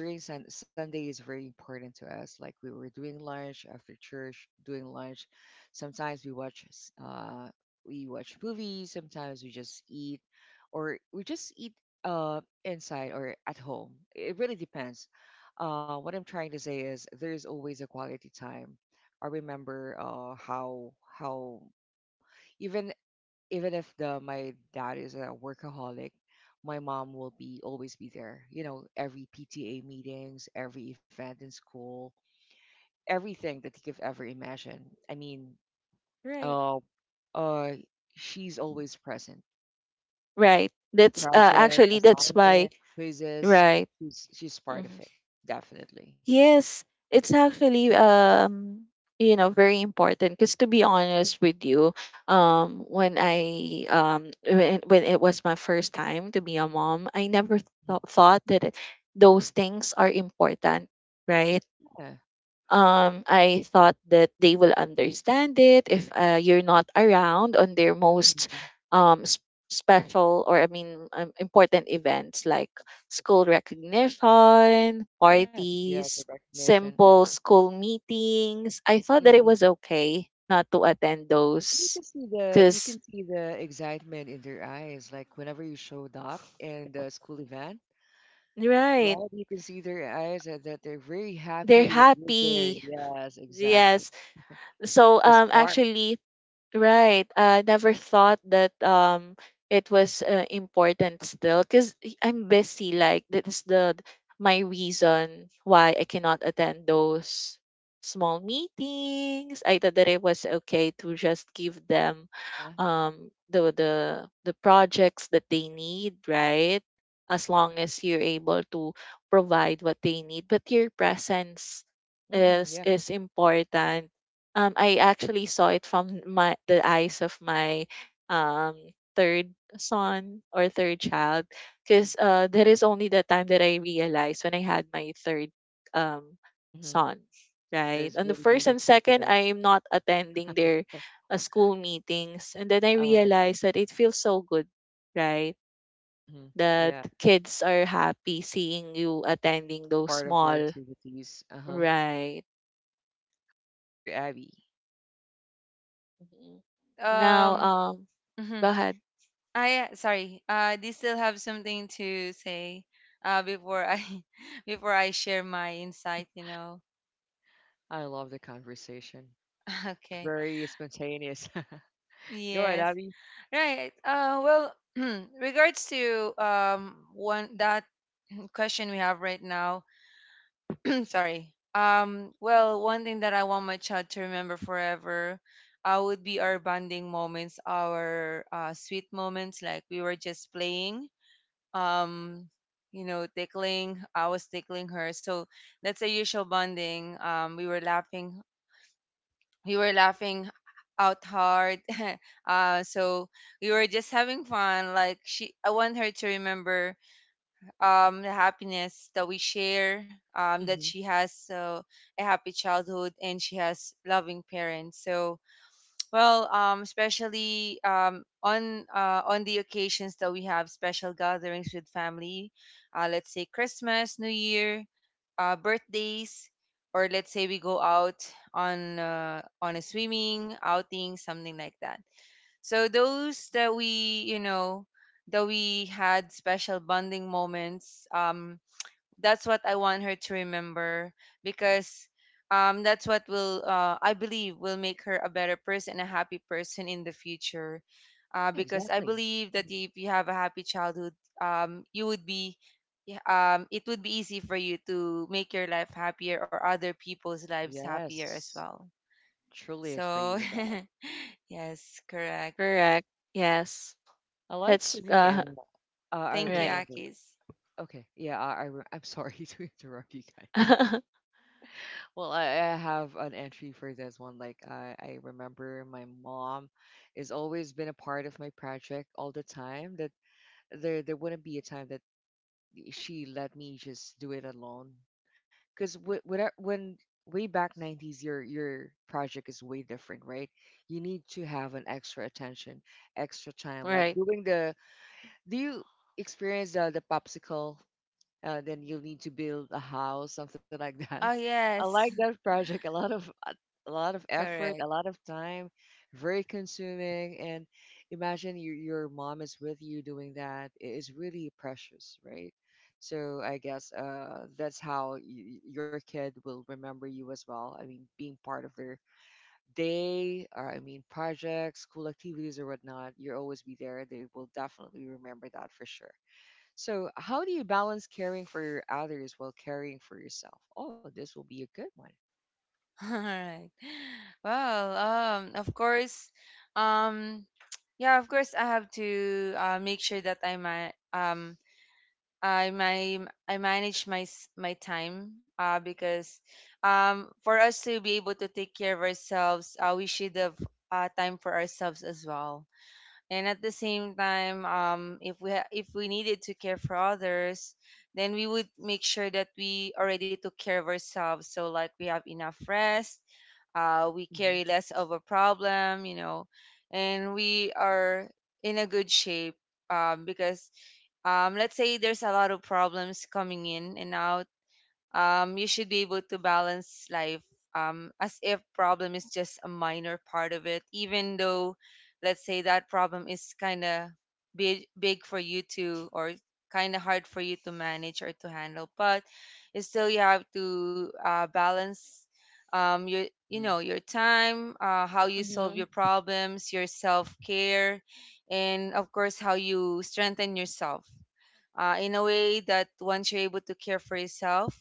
S1: during Sunday is very important to us. Like we were doing lunch after church, doing lunch. Sometimes we watch movies. Sometimes we just eat, or we just eat inside or at home. It really depends. What I'm trying to say is there is always a quality time. I remember how even even if the my dad is a workaholic, my mom will be always be there. You know, every PTA meetings, every event in school, everything that you could ever imagine. I mean,
S3: Right.
S1: uh, uh, she's always present.
S3: Right. That's
S1: Project,
S3: actually that's why
S1: assignment, quizzes,
S3: right.
S1: she's part of it, definitely.
S3: Yes, it's actually very important because to be honest with you, when it was my first time to be a mom, I never
S1: Mhm.
S3: thought that those things are important, right?
S1: Yeah.
S3: I thought that they will understand it if you're not around on their most
S1: Mhm.
S3: um, s- special or I mean important events like school recognition,
S1: Yes, yes, the
S3: parties,
S1: recognition.
S3: simple school meetings. I thought
S1: Hmm.
S3: that it
S1: Hmm.
S3: was okay not to attend
S1: And you
S3: those
S1: can see the you
S3: because
S1: can see the excitement in their eyes, like whenever you showed up in the school event,
S3: right
S1: right? You can see their eyes and that they're very
S3: they're
S1: happy that you're there.
S3: happy.
S1: Yes, exactly.
S3: Yes. So
S1: The spark,
S3: actually right. I never thought that it was important still because I'm busy. Like that's the my reason why I cannot attend those small meetings. I thought that it was okay to just give them
S1: huh?
S3: um the the the projects that they need, right? As long as you're able to provide what they need, but your presence
S1: Hmm. Yeah.
S3: is important. I actually saw it from my the eyes of my um third son or third child, because that is only the time that I realized when I had my third um
S1: Hmm.
S3: son, right?
S1: That's
S3: On the
S1: really
S3: first and
S1: meaningful to
S3: second,
S1: them.
S3: I am not attending their
S1: (laughs)
S3: school meetings, and then I
S1: I see.
S3: realized that it feels so good, right?
S1: Mm-hmm.
S3: That
S1: Yeah,
S3: kids are happy seeing you attending those
S1: part of their
S3: small,
S1: activities. Uh-huh.
S3: right?
S1: You, Abby.
S3: Mhm.
S2: But,
S3: Now,
S2: um, mhm.
S3: go ahead.
S2: I Sorry. Do you still have something to say? Before I, (laughs) before I share my insight, you know.
S1: I love the conversation.
S2: (laughs) Okay.
S1: Very spontaneous. (laughs) Go ahead,
S2: Yes.
S1: Abby.
S2: Right. Well, (clears throat) regards to um, one that question we have right now, (clears throat) sorry. Well, one thing that I want my child to remember forever, would be our bonding moments, our, sweet moments, like we were just playing, um, you know, tickling. I was tickling her, so that's a usual bonding. We were laughing out hard. (laughs) So we were just having fun. Like she, I want her to remember, the happiness that we share, that
S1: Mhm.
S2: she has, a happy childhood and she has loving parents. So, well, especially, on, on the occasions that we have special gatherings with family, let's say Christmas, New Year, birthdays, or let's say we go out on, on a swimming outing, something like that. So those that we, you know, that we had special bonding moments, that's what I want her to remember, because, that's what will, I believe, will make her a better person, a happy person in the future.
S1: Yeah,
S2: Because I
S1: exactly.
S2: believe that
S1: Mhm.
S2: if you have a happy childhood, you would be, yeah, it would be easy for you to make your life happier or other people's lives happier as well.
S1: Yes, truly
S2: So,
S1: agree with
S2: (laughs)
S1: that.
S2: yes, correct.
S3: Correct. Yes.
S1: I
S3: That's
S1: Like for me, and
S3: (laughs)
S2: Thank
S1: I
S2: you,
S3: right.
S1: remember.
S2: Akis.
S1: Okay, yeah, I'm sorry (laughs) to interrupt you guys.
S3: (laughs)
S1: Well, I have an entry for this one. Like I remember my mom has always been a part of my project all the time. That there wouldn't be a time that she let me just do it alone, because when way back 90s, your project is way different, right? You need to have an extra attention, extra time, like
S3: Right.
S1: doing the do you experience the, popsicle, then you'll need to build a house, something like that?
S2: Oh
S1: (laughs) I like
S2: yes,
S1: that project. A lot of
S2: (laughs)
S1: effort, a
S2: correct.
S1: lot of time, very consuming. And imagine your mom is with you doing that. It is really precious, right? So I guess that's how your kid will remember you as well. I mean, being part of their day, or I mean, projects, school activities, or whatnot. You'll always be there. They will definitely remember that for sure. So, how do you balance caring for others while caring for yourself? Oh, this will be a good one.
S2: (laughs) All right. Well, of course, um, yeah, of course, I have to, make sure that I manage my time, uh, because, um, for us to be able to take care of ourselves, uh, we should have, uh, time for ourselves as well, and at the same time, if we needed to care for others, then we would make sure that we already took care of ourselves, so like we have enough rest, we
S1: Mhm.
S2: carry less of a problem, you know, and we are in a good shape, because, let's say there's a lot of problems coming in and out, you should be able to balance life, as if problem is just a minor part of it, even though, let's say that problem is kind of big for you to, or kind of hard for you to manage or to handle, but it's still, you have to, balance, your, you know,
S1: Hmm.
S2: your time, how you solve
S3: Hmm.
S2: your problems, your self-care, and of course how you strengthen yourself, in a way that once you're able to care for yourself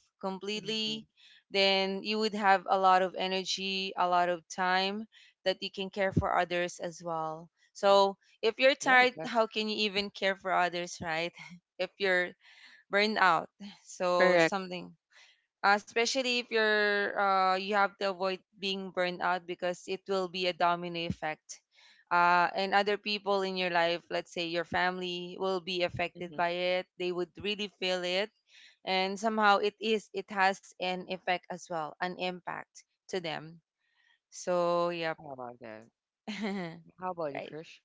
S1: Mhm.
S2: completely, then you would have a lot of energy, a lot of time that you can care for others as well. So if you're
S1: Yeah,
S2: tired,
S1: exactly.
S2: how can you even care for others, right? (laughs) If you're burned out, so
S3: Correct.
S2: something. Especially if you're, you have to avoid being burned out because it will be a domino effect, and other people in your life, let's say your family, will be affected
S1: Hmm.
S2: by it, they would really feel it, and somehow it is, it has an effect as well, an impact to them, so yep.
S1: How about that?
S2: (laughs)
S1: How about you,
S2: right,
S1: Krish?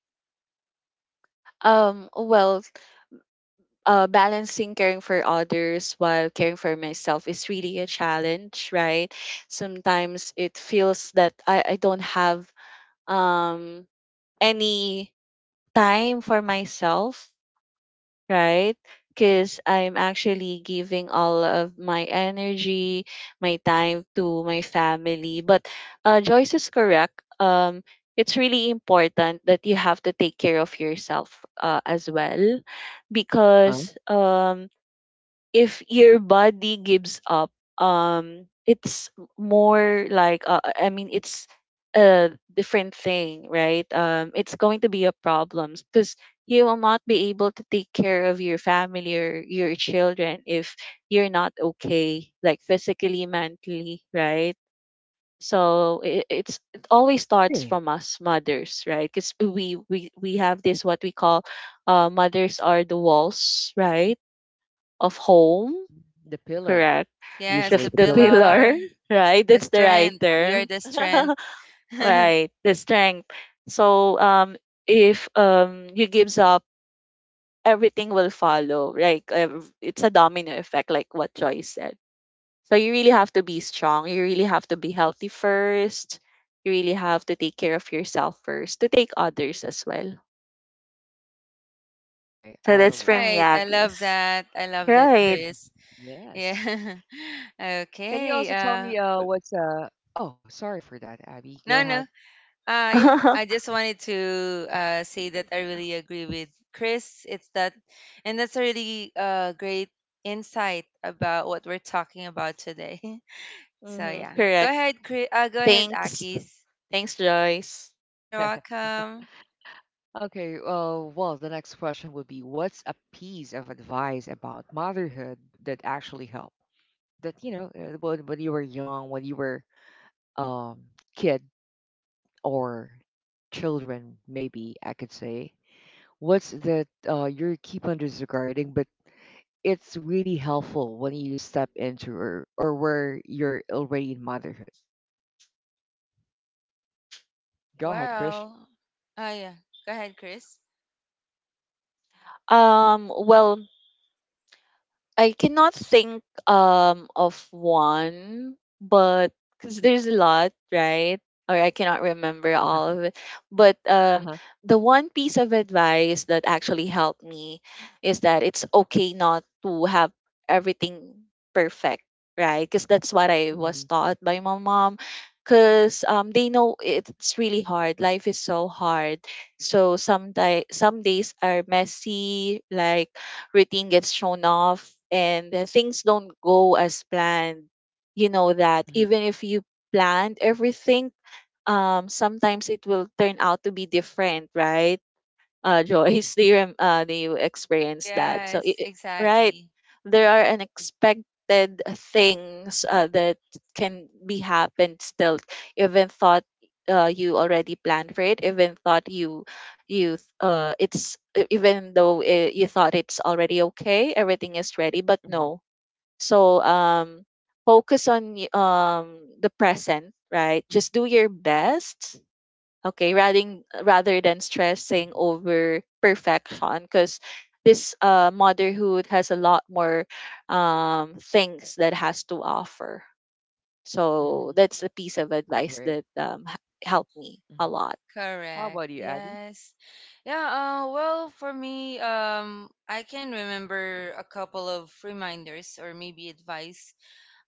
S3: Well, balancing caring for others while caring for myself is really a challenge, right? Sometimes it feels that I don't have um any time for myself, right? Because I'm actually giving all of my energy, my time to my family. But Joyce is correct. It's really important that you have to take care of yourself as well,
S1: Uh huh.
S3: because if your body gives up it's more like I mean it's a different thing, right? It's going to be a problem because you will not be able to take care of your family or your children if you're not okay like physically, mentally, right? So it always starts
S1: Really?
S3: from us mothers, right? Because we have this what we call mothers are the walls, right, of home.
S1: Mhm. The pillar,
S3: Correct, the
S2: yes, the
S1: usually
S3: the
S1: the pillar.
S2: pillar,
S3: pillar, (laughs) right?
S2: the
S3: That's the right
S2: strength, we are
S3: term.
S2: the
S3: (laughs)
S2: strength. (laughs)
S3: Right, the strength. So if you gives up, everything will follow. Like it's a domino effect like what Joy said. So you really have to be strong. You really have to be healthy first. You really have to take care of yourself first to take others as well.
S1: Okay,
S3: So
S1: I
S3: that's from
S1: love
S2: right, I
S1: that.
S2: love
S3: Yagi's.
S2: that, I love that,
S3: Right.
S2: Chris.
S1: (laughs)
S2: Yeah.
S1: Yes.
S2: (laughs)
S1: Can you
S2: Okay.
S1: also tell
S2: Uh,
S1: me what's uh oh, sorry for that, Abby. Go
S2: no, no.
S1: ahead.
S2: Uh, yeah, I
S3: (laughs)
S2: just wanted to, uh, say that I really agree with Chris. It's that, and that's a really, uh, great insight about what we're talking about today. (laughs) So
S3: Mm-hmm,
S2: yeah. Go
S3: correct.
S2: ahead, Chris. Uh, go ahead,
S3: Thanks.
S2: Akis.
S3: Thanks, Joyce.
S2: You're
S1: Okay.
S2: welcome.
S1: Okay, well, the next question would be what's a piece of advice about motherhood that actually helped? That when you were um kid or children, maybe I could say, what's that you keep on disregarding but it's really helpful when you step into, or where you're already in motherhood. Go ahead, Krish.
S2: Well, oh yeah. Go ahead, Chris.
S3: Well, I cannot think of one, but because there's a lot, right? Or I cannot remember all of it. But
S1: Uh-huh.
S3: the one piece of advice that actually helped me is that it's okay not to have everything perfect, right? Because that's what I was
S1: Mm-hmm.
S3: taught by my mom. Because they know it's really hard. Life is so hard. So some days are messy, like routine gets shown off and things don't go as planned. You know that
S1: Mm-hmm.
S3: even if you planned everything sometimes it will turn out to be different, right,
S1: Mm-hmm.
S3: Joyce? (laughs) Do you, do you experience that? So,
S2: Yes,
S3: right,
S2: exactly.
S3: there are unexpected things that can be happened still, even thought you already planned for it, even thought even though you thought it's already okay, everything is ready, but
S1: Mm-hmm.
S3: no. So, focus on the present, right? Just do your best, okay, rather than
S1: Mm-hmm.
S3: stressing over perfection because this motherhood has a lot more things that has to offer.
S1: Mm-hmm.
S3: So that's a piece of
S1: I
S3: advice
S1: agree.
S3: that helped me a
S1: Mm-hmm.
S3: lot.
S1: How
S2: Correct.
S1: about you, Abby?
S2: Yes. Yeah, well, for me, I can remember a couple of reminders or maybe advice,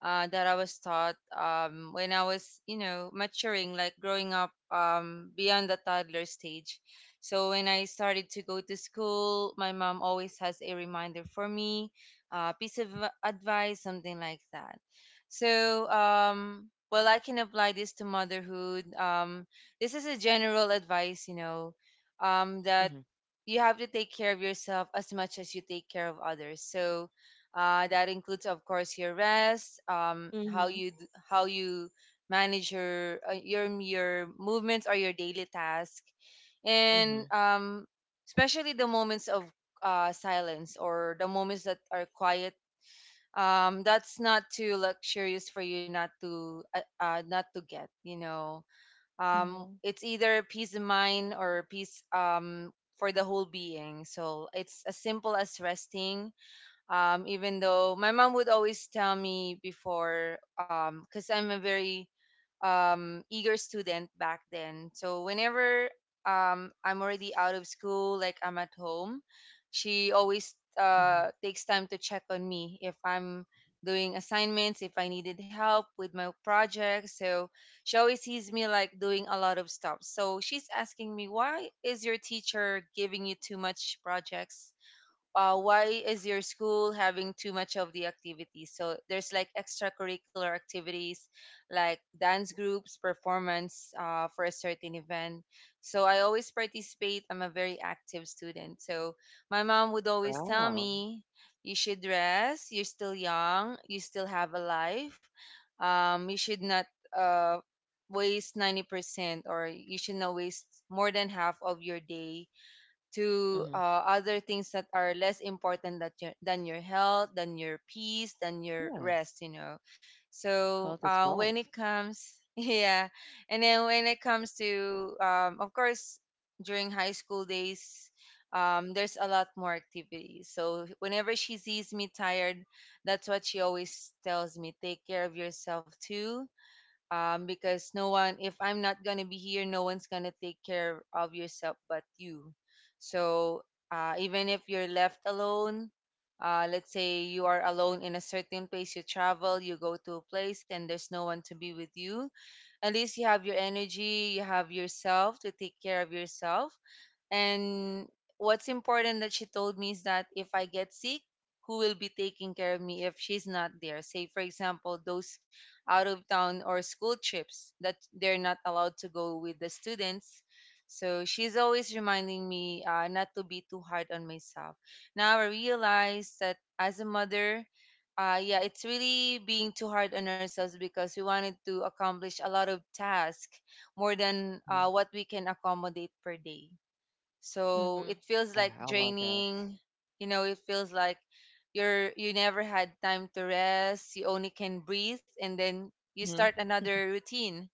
S2: that I was taught, when I was, you know, maturing, like growing up, beyond the toddler stage. So when I started to go to school, my mom always has a reminder for me, a piece of advice, something like that. So, well, I can apply this to motherhood. This is a general advice, you know, that
S1: Mm-hmm.
S2: you have to take care of yourself as much as you take care of others. So, that includes, of course, your rest, how
S3: Mm-hmm.
S2: how you manage your, your movements or your daily task,
S1: Mm-hmm.
S2: and especially the moments of, silence or the moments that are quiet. That's not too luxurious for you not to, not to get, you know, um,
S3: Mm-hmm.
S2: it's either peace of mind or peace, um, for the whole being, so it's as simple as resting, even though my mom would always tell me before, because I'm a very, eager student back then. So whenever, I'm already out of school, like I'm at home, she always,
S1: Mm-hmm.
S2: takes time to check on me if I'm doing assignments, if I needed help with my projects. So she always sees me like doing a lot of stuff. So she's asking me, why is your teacher giving you too much projects? Uh, why is your school having too much of the activities? So there's like extracurricular activities like dance groups, performance, for a certain event. So I always participate. I'm a very active student. So my mom would always tell
S1: Wow.
S2: me, you should rest. You're still young. You still have a life. You should not, uh, waste 90% or you should not waste more than half of your day to,
S1: Mm-hmm.
S2: other things that are less important that your, than your health, than your peace, than your
S1: Yeah,
S2: rest, you know. So
S1: health is
S2: when it
S1: wealth.
S2: comes, (laughs) yeah, and then when it comes to, of course, during high school days, there's a lot more activities. So whenever she sees me tired, that's what she always tells me: take care of yourself too, because no one, if I'm not going to be here, no one's going to take care of yourself but you. So even if you're left alone, let's say you are alone in a certain place, you travel, you go to a place and there's no one to be with you, at least you have your energy, you have yourself to take care of yourself. And what's important that she told me is that if I get sick, who will be taking care of me if she's not there? Say, for example, those out of town or school trips that they're not allowed to go with the students. So she's always reminding me not to be too hard on myself. Now I realize that as a mother, yeah, it's really being too hard on ourselves because we wanted to accomplish a lot of tasks more than what we can accommodate per day, so
S3: Mm-hmm.
S2: it feels
S1: Yeah,
S2: like
S1: I love that.
S2: draining. You know, it feels like you're, you never had time to rest, you only can breathe and then you start
S1: Mhm.
S2: another routine.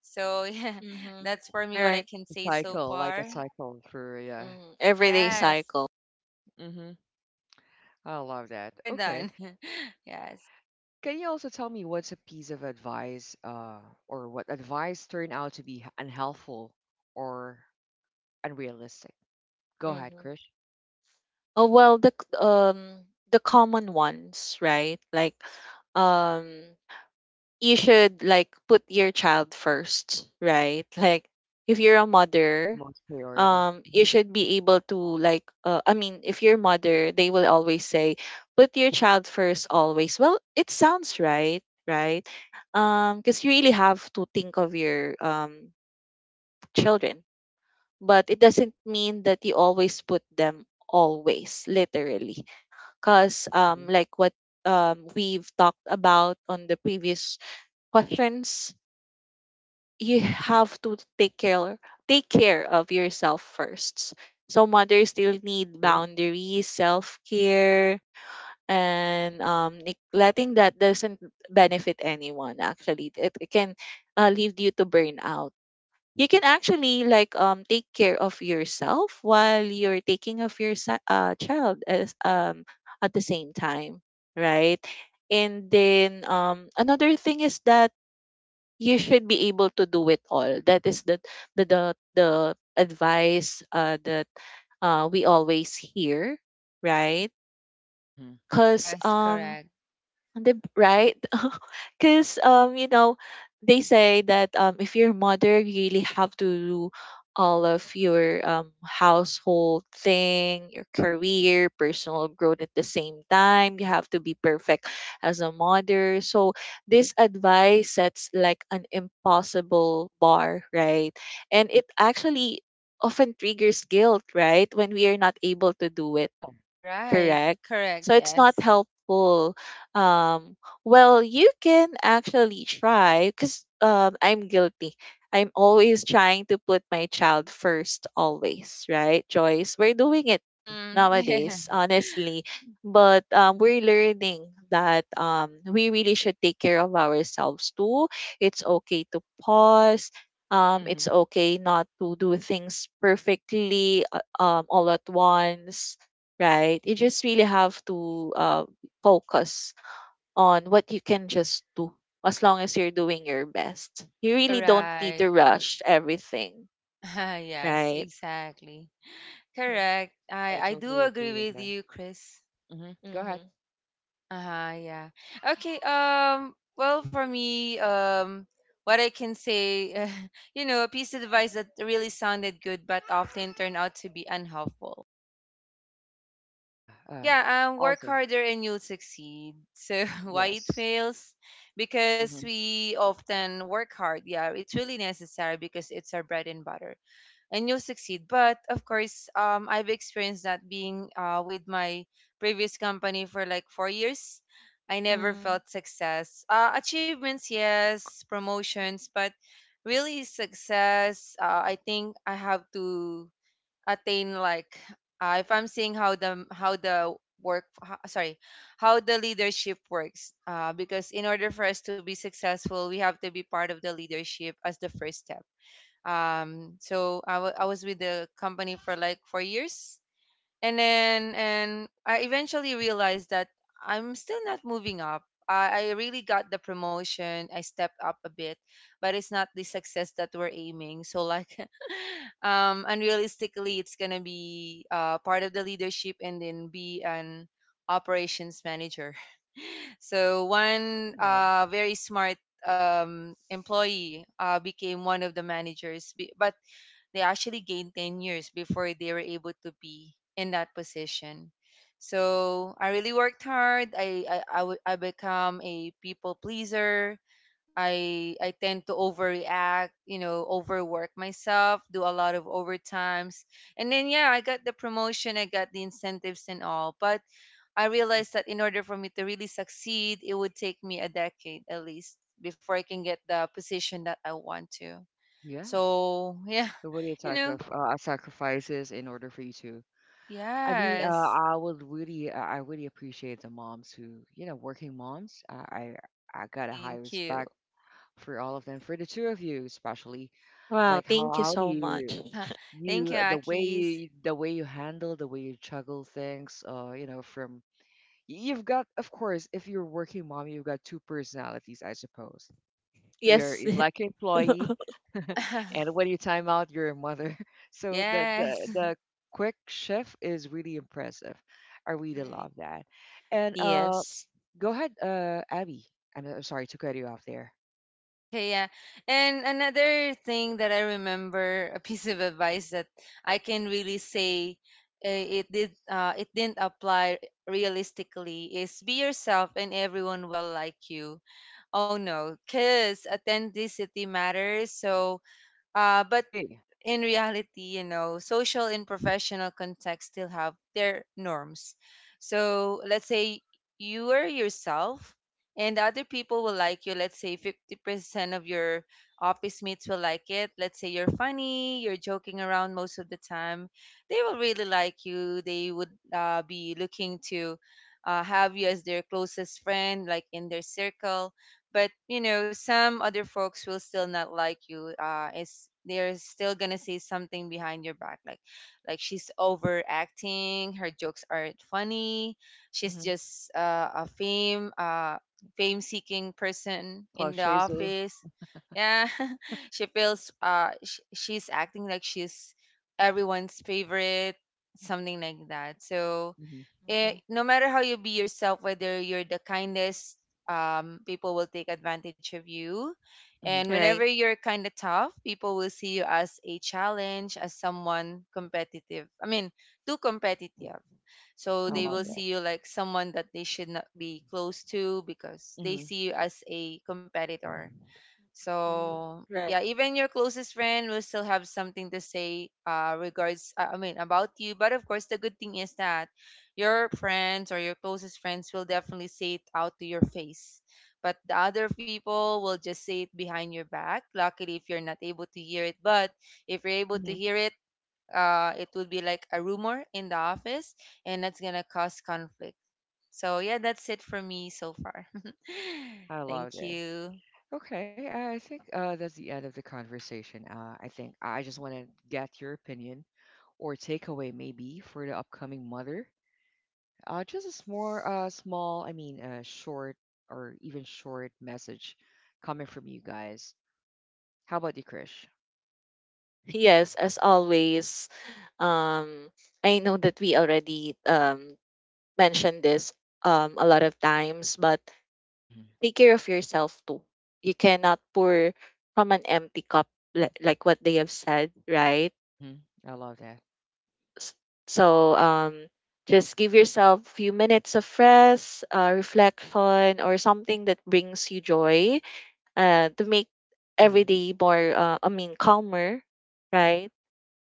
S2: So (laughs) yeah,
S3: Mm-hmm.
S2: that's for me
S3: All
S2: what I
S3: right.
S2: can
S1: It's a
S2: say so
S1: cycle, like a
S2: far.
S1: cycle through, yeah.
S3: Mm-hmm. Everyday
S2: Yes,
S3: cycle.
S1: Mhm. I love that.
S2: more
S1: Okay.
S2: than (laughs) yes.
S1: Can you also tell me what's a piece of advice or what advice turned out to be unhelpful or unrealistic? Go ahead,
S3: Mm-hmm.
S1: Krish.
S3: Oh well, the the common ones, right? Like um you should like put your child first, right? (laughs) Like if you're a
S1: Top
S3: mother,
S1: most priority.
S3: you
S1: Hmm.
S3: should be able to like I mean, if you're a mother, they will always say put your child first always. Well, it sounds right, right? Because you really have to think of your children, but it doesn't mean that you always put them always literally, because
S1: Mhm.
S3: like what we've talked about on the previous questions, you have to take care of yourself first, so mothers still need
S1: Agree.
S3: boundaries, self-care, and neglecting that doesn't benefit anyone. Actually it can lead you to burnout. You can actually like take care of yourself while you're taking of your child as at the same time, right? And then another thing is that you should be able to do it all. That is the the the, the advice that we always hear, right?
S1: Mhm.
S3: Because
S2: Yes, correct.
S3: right. (laughs) Because you know, they say that if you're a mother, you really have to do all of your household thing, your career, personal growth at the same time. You have to be perfect as a mother. So this advice sets like an impossible bar, right? And it actually often triggers guilt, right? When we are not able to do it,
S1: Yeah.
S2: Right.
S3: correct?
S2: Correct,
S3: So it's not
S2: yes.
S3: helpful. Um, well, you can actually try because I'm guilty. I'm always trying to put my child first, always, right, Joyce? We're doing it
S2: Hmm. (laughs) Yeah.
S3: nowadays,
S1: Hmm.
S3: honestly. But we're learning that we really should take care of ourselves too. It's okay to pause. It's
S1: Mhm.
S3: okay not to do things perfectly all at once, right? You just really have to focus on what you can just do as long as you're doing your best. You really don't need
S2: Right.
S3: to rush everything,
S2: (laughs) Yes,
S3: right?
S2: exactly. Correct,
S1: Yeah,
S2: i
S1: I
S2: i do
S1: totally agree
S2: agree
S1: with
S2: with
S1: that.
S2: you, Chris.
S1: Mhm. Go ahead.
S3: Mm-hmm.
S2: Uh-huh, yeah. Okay, well for me, what I can say, (laughs) a piece of advice that really sounded good but often turned out to be unhelpful.
S1: Yeah. Uh,
S2: Yeah, work
S1: also,
S2: harder and you'll succeed. So (laughs) why it
S1: yes.
S2: fails? Because
S1: Mhm.
S2: we often work hard. Yeah, it's really necessary because it's our bread and butter and you'll succeed. But of course, I've experienced that being with my previous company for like 4 years. I never
S3: Mm.
S2: felt success. Achievements, yes, promotions, but really success, I think I have to attain like, if I'm seeing how the work sorry, how the leadership works, because in order for us to be successful we have to be part of the leadership as the first step. So I was with the company for like 4 years, and then and I eventually realized that I'm still not moving up. I really got the promotion. I stepped up a bit, but it's not the success that we're aiming. So like, (laughs) unrealistically, it's gonna be part of the leadership and then be an operations manager. (laughs) So one
S1: Yeah.
S2: very smart employee became one of the managers, but they actually gained 10 years before they were able to be in that position. So I really worked hard. I become a people pleaser. I tend to overreact, you know, overwork myself, do a lot of overtimes. And then yeah, I got the promotion, I got the incentives and all. But I
S1: Mhm.
S2: realized that in order for me to really succeed, it would take me a decade at least before I can get the position that I want to.
S1: Yeah.
S2: So yeah,
S1: The what are your
S2: (laughs) you know,
S1: sacrifices in order for you to? I mean,
S2: yes.
S1: I really appreciate the moms who, working moms. I got a high
S2: Thank you.
S1: respect for all of them, for the two of you especially.
S3: Wow,
S1: Like,
S3: thank you
S1: how
S3: so much.
S2: (laughs) Thank you,
S1: the way
S2: Akis.
S1: you, the way you handle, the way you juggle things, from you've got, of course, if you're a working mom, you've got two personalities, I suppose. You're
S3: Yes.
S1: like an
S3: (laughs)
S1: employee, and
S2: (laughs)
S1: when you time out, you're a mother. (laughs) So the the
S2: yes.
S1: the
S2: (laughs)
S1: quick shift is really impressive. I really
S3: Right.
S1: love that. And
S3: Yes.
S1: go ahead, Abby. I'm sorry to cut you off there.
S2: Okay, yeah. And another thing that I remember, a piece of advice that I can really say it didn't apply realistically is be yourself and everyone will like you. Oh no, cause authenticity matters. So, but
S1: Great.
S2: in reality, you know, social and professional contexts still have their norms. So let's say you are yourself and other people will like you. Let's say 50% of your office mates will like it. Let's say you're funny, you're joking around most of the time. They will really like you. They would be looking to have you as their closest friend, like in their circle, but you know some other folks will still not like you, is they're still gonna say something behind your back, like she's overacting, her jokes aren't funny, she's
S1: Mm-hmm.
S2: just a fame fame seeking person in
S1: Cloud
S2: the
S1: chaser.
S2: office. Yeah, (laughs) she feels she's acting like she's everyone's favorite, something like that. So
S1: Hmm.
S3: Mm-hmm.
S2: it, no matter how you be yourself, whether you're the kindest, people will take advantage of you.
S1: Hmm.
S2: And whenever
S3: Right.
S2: you're kind of tough, people will see you as a challenge, as someone competitive. I mean, too competitive. So
S1: I
S2: they
S1: love
S2: will
S3: Mm-hmm.
S2: see
S1: that.
S2: you like someone that they should not be close to because they
S1: Hmm.
S2: see you as a competitor.
S3: Mm,
S2: So yeah,
S3: right.
S2: even your closest friend will still have something to say, I mean, about you. But of course, the good thing is that your friends or your closest friends will definitely say it out to your face. But the other people will just say it behind your back. Luckily, if you're not able to hear it, but if you're able to
S1: Hmm.
S2: hear it, it would be like a rumor in the office, and that's gonna cause conflict. So yeah, that's it for me so far.
S1: I
S2: (laughs)
S1: love
S2: Thank
S1: that.
S2: you.
S1: Okay, I think that's the end of the conversation. I think I just want to get your opinion or takeaway maybe for the upcoming mother. Just a small, I mean, short or even short message coming from you guys. How about you, Krish?
S3: Yes, as always, um, I know that we already mentioned this a lot of times, but
S1: Mm-hmm.
S3: take care of yourself too. You cannot pour from an empty cup, like what they have said, right?
S1: Hmm. I love that.
S3: S-
S2: All
S3: So,
S2: right.
S3: just give yourself a few minutes of rest, reflection, or something that brings you joy to make every
S1: Hmm.
S3: day more, I mean, calmer, right?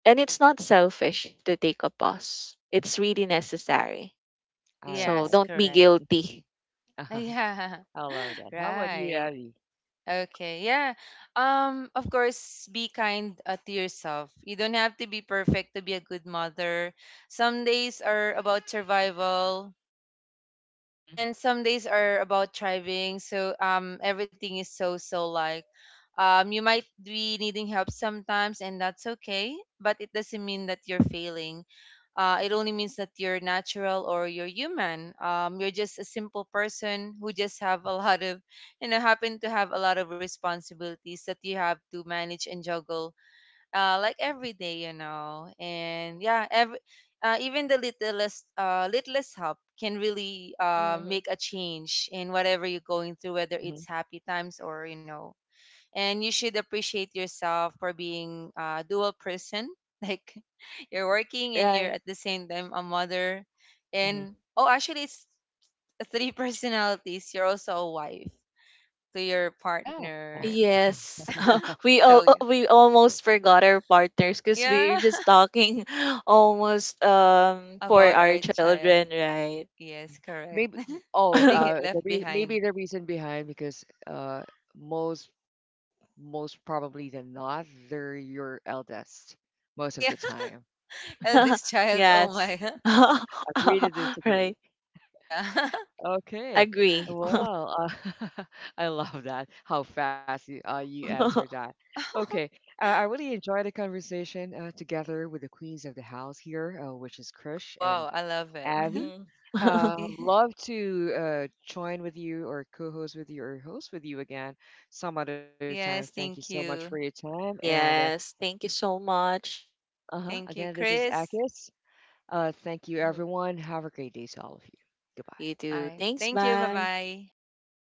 S3: And it's not selfish to take a pause, it's really necessary.
S1: I
S3: So,
S2: Yes,
S1: like
S3: don't be
S1: it.
S2: correct.
S3: guilty.
S2: (laughs)
S1: (laughs)
S2: Yeah.
S1: I love
S2: (laughs)
S1: that. How about you,
S2: Right.
S1: Abby?
S2: Okay. Yeah. Of course be kind to yourself. You don't have to be perfect to be a good mother. Some days are about survival,
S1: Mm.
S2: and some days are about thriving. So everything is so, you might be needing help sometimes and that's okay, but it doesn't mean that you're failing. It only means that you're natural or you're human. You're just a simple person who just have a lot of, you know, happen to have a lot of responsibilities that you have to manage and juggle, like every day, you know. And yeah, every, even the littlest littlest help can really
S3: Mhm.
S2: make a change in whatever you're going through,
S1: Hmm.
S2: whether
S1: Hmm.
S2: it's happy times or you know. And you should appreciate yourself for being a dual person, (laughs) like you're working and you're
S3: Right.
S2: at the same time a mother, and
S3: Mhm.
S1: Hmm.
S2: oh, actually, it's three (laughs) personalities. You're also a wife to your
S1: Yeah.
S2: partner.
S1: (laughs)
S3: Yes, (laughs) we
S2: So
S3: all,
S2: yeah,
S3: we almost forgot our partners because we were
S2: yeah,
S3: just talking (laughs) almost
S2: (laughs)
S3: for
S2: about
S3: our
S2: our child.
S3: children, right?
S2: Yes, correct.
S1: Maybe, oh
S2: (laughs) They get
S3: (laughs)
S1: the
S2: left
S1: re maybe
S2: behind.
S1: the reason behind, because most most probably than not they're your eldest most of the
S2: Oh yeah,
S1: time.
S2: (laughs) eldest child. Oh
S3: Yes,
S2: my. (laughs)
S1: Agree
S3: (laughs)
S1: to disagree.
S3: right.
S2: Yeah.
S1: Okay.
S3: Agree.
S1: Well, (laughs) I love that. How fast you answered that.
S3: (laughs)
S1: Okay.
S2: (laughs)
S1: I really enjoyed the conversation together with the queens of the house here, which is Krish and
S2: Wow, I love it. (laughs)
S1: Avi.
S3: Mhm.
S1: Uh,
S3: (laughs)
S2: Y-
S1: love to join with you or co-host with you or host with you again some other time.
S2: Yes,
S1: Thank you so
S2: thank
S1: much for your
S2: you.
S1: time. And
S3: Yes, thank you so much.
S1: uh-huh.
S2: Thank you,
S1: Again, this is
S2: Chris.
S1: Akis. Thank you,
S3: Mhm.
S1: everyone. Have a great day to all of you.
S3: You
S1: Goodbye.
S2: All
S3: too.
S2: right.
S3: Thanks.
S2: Thank you.
S3: Bye.
S2: Bye-bye.
S3: All right.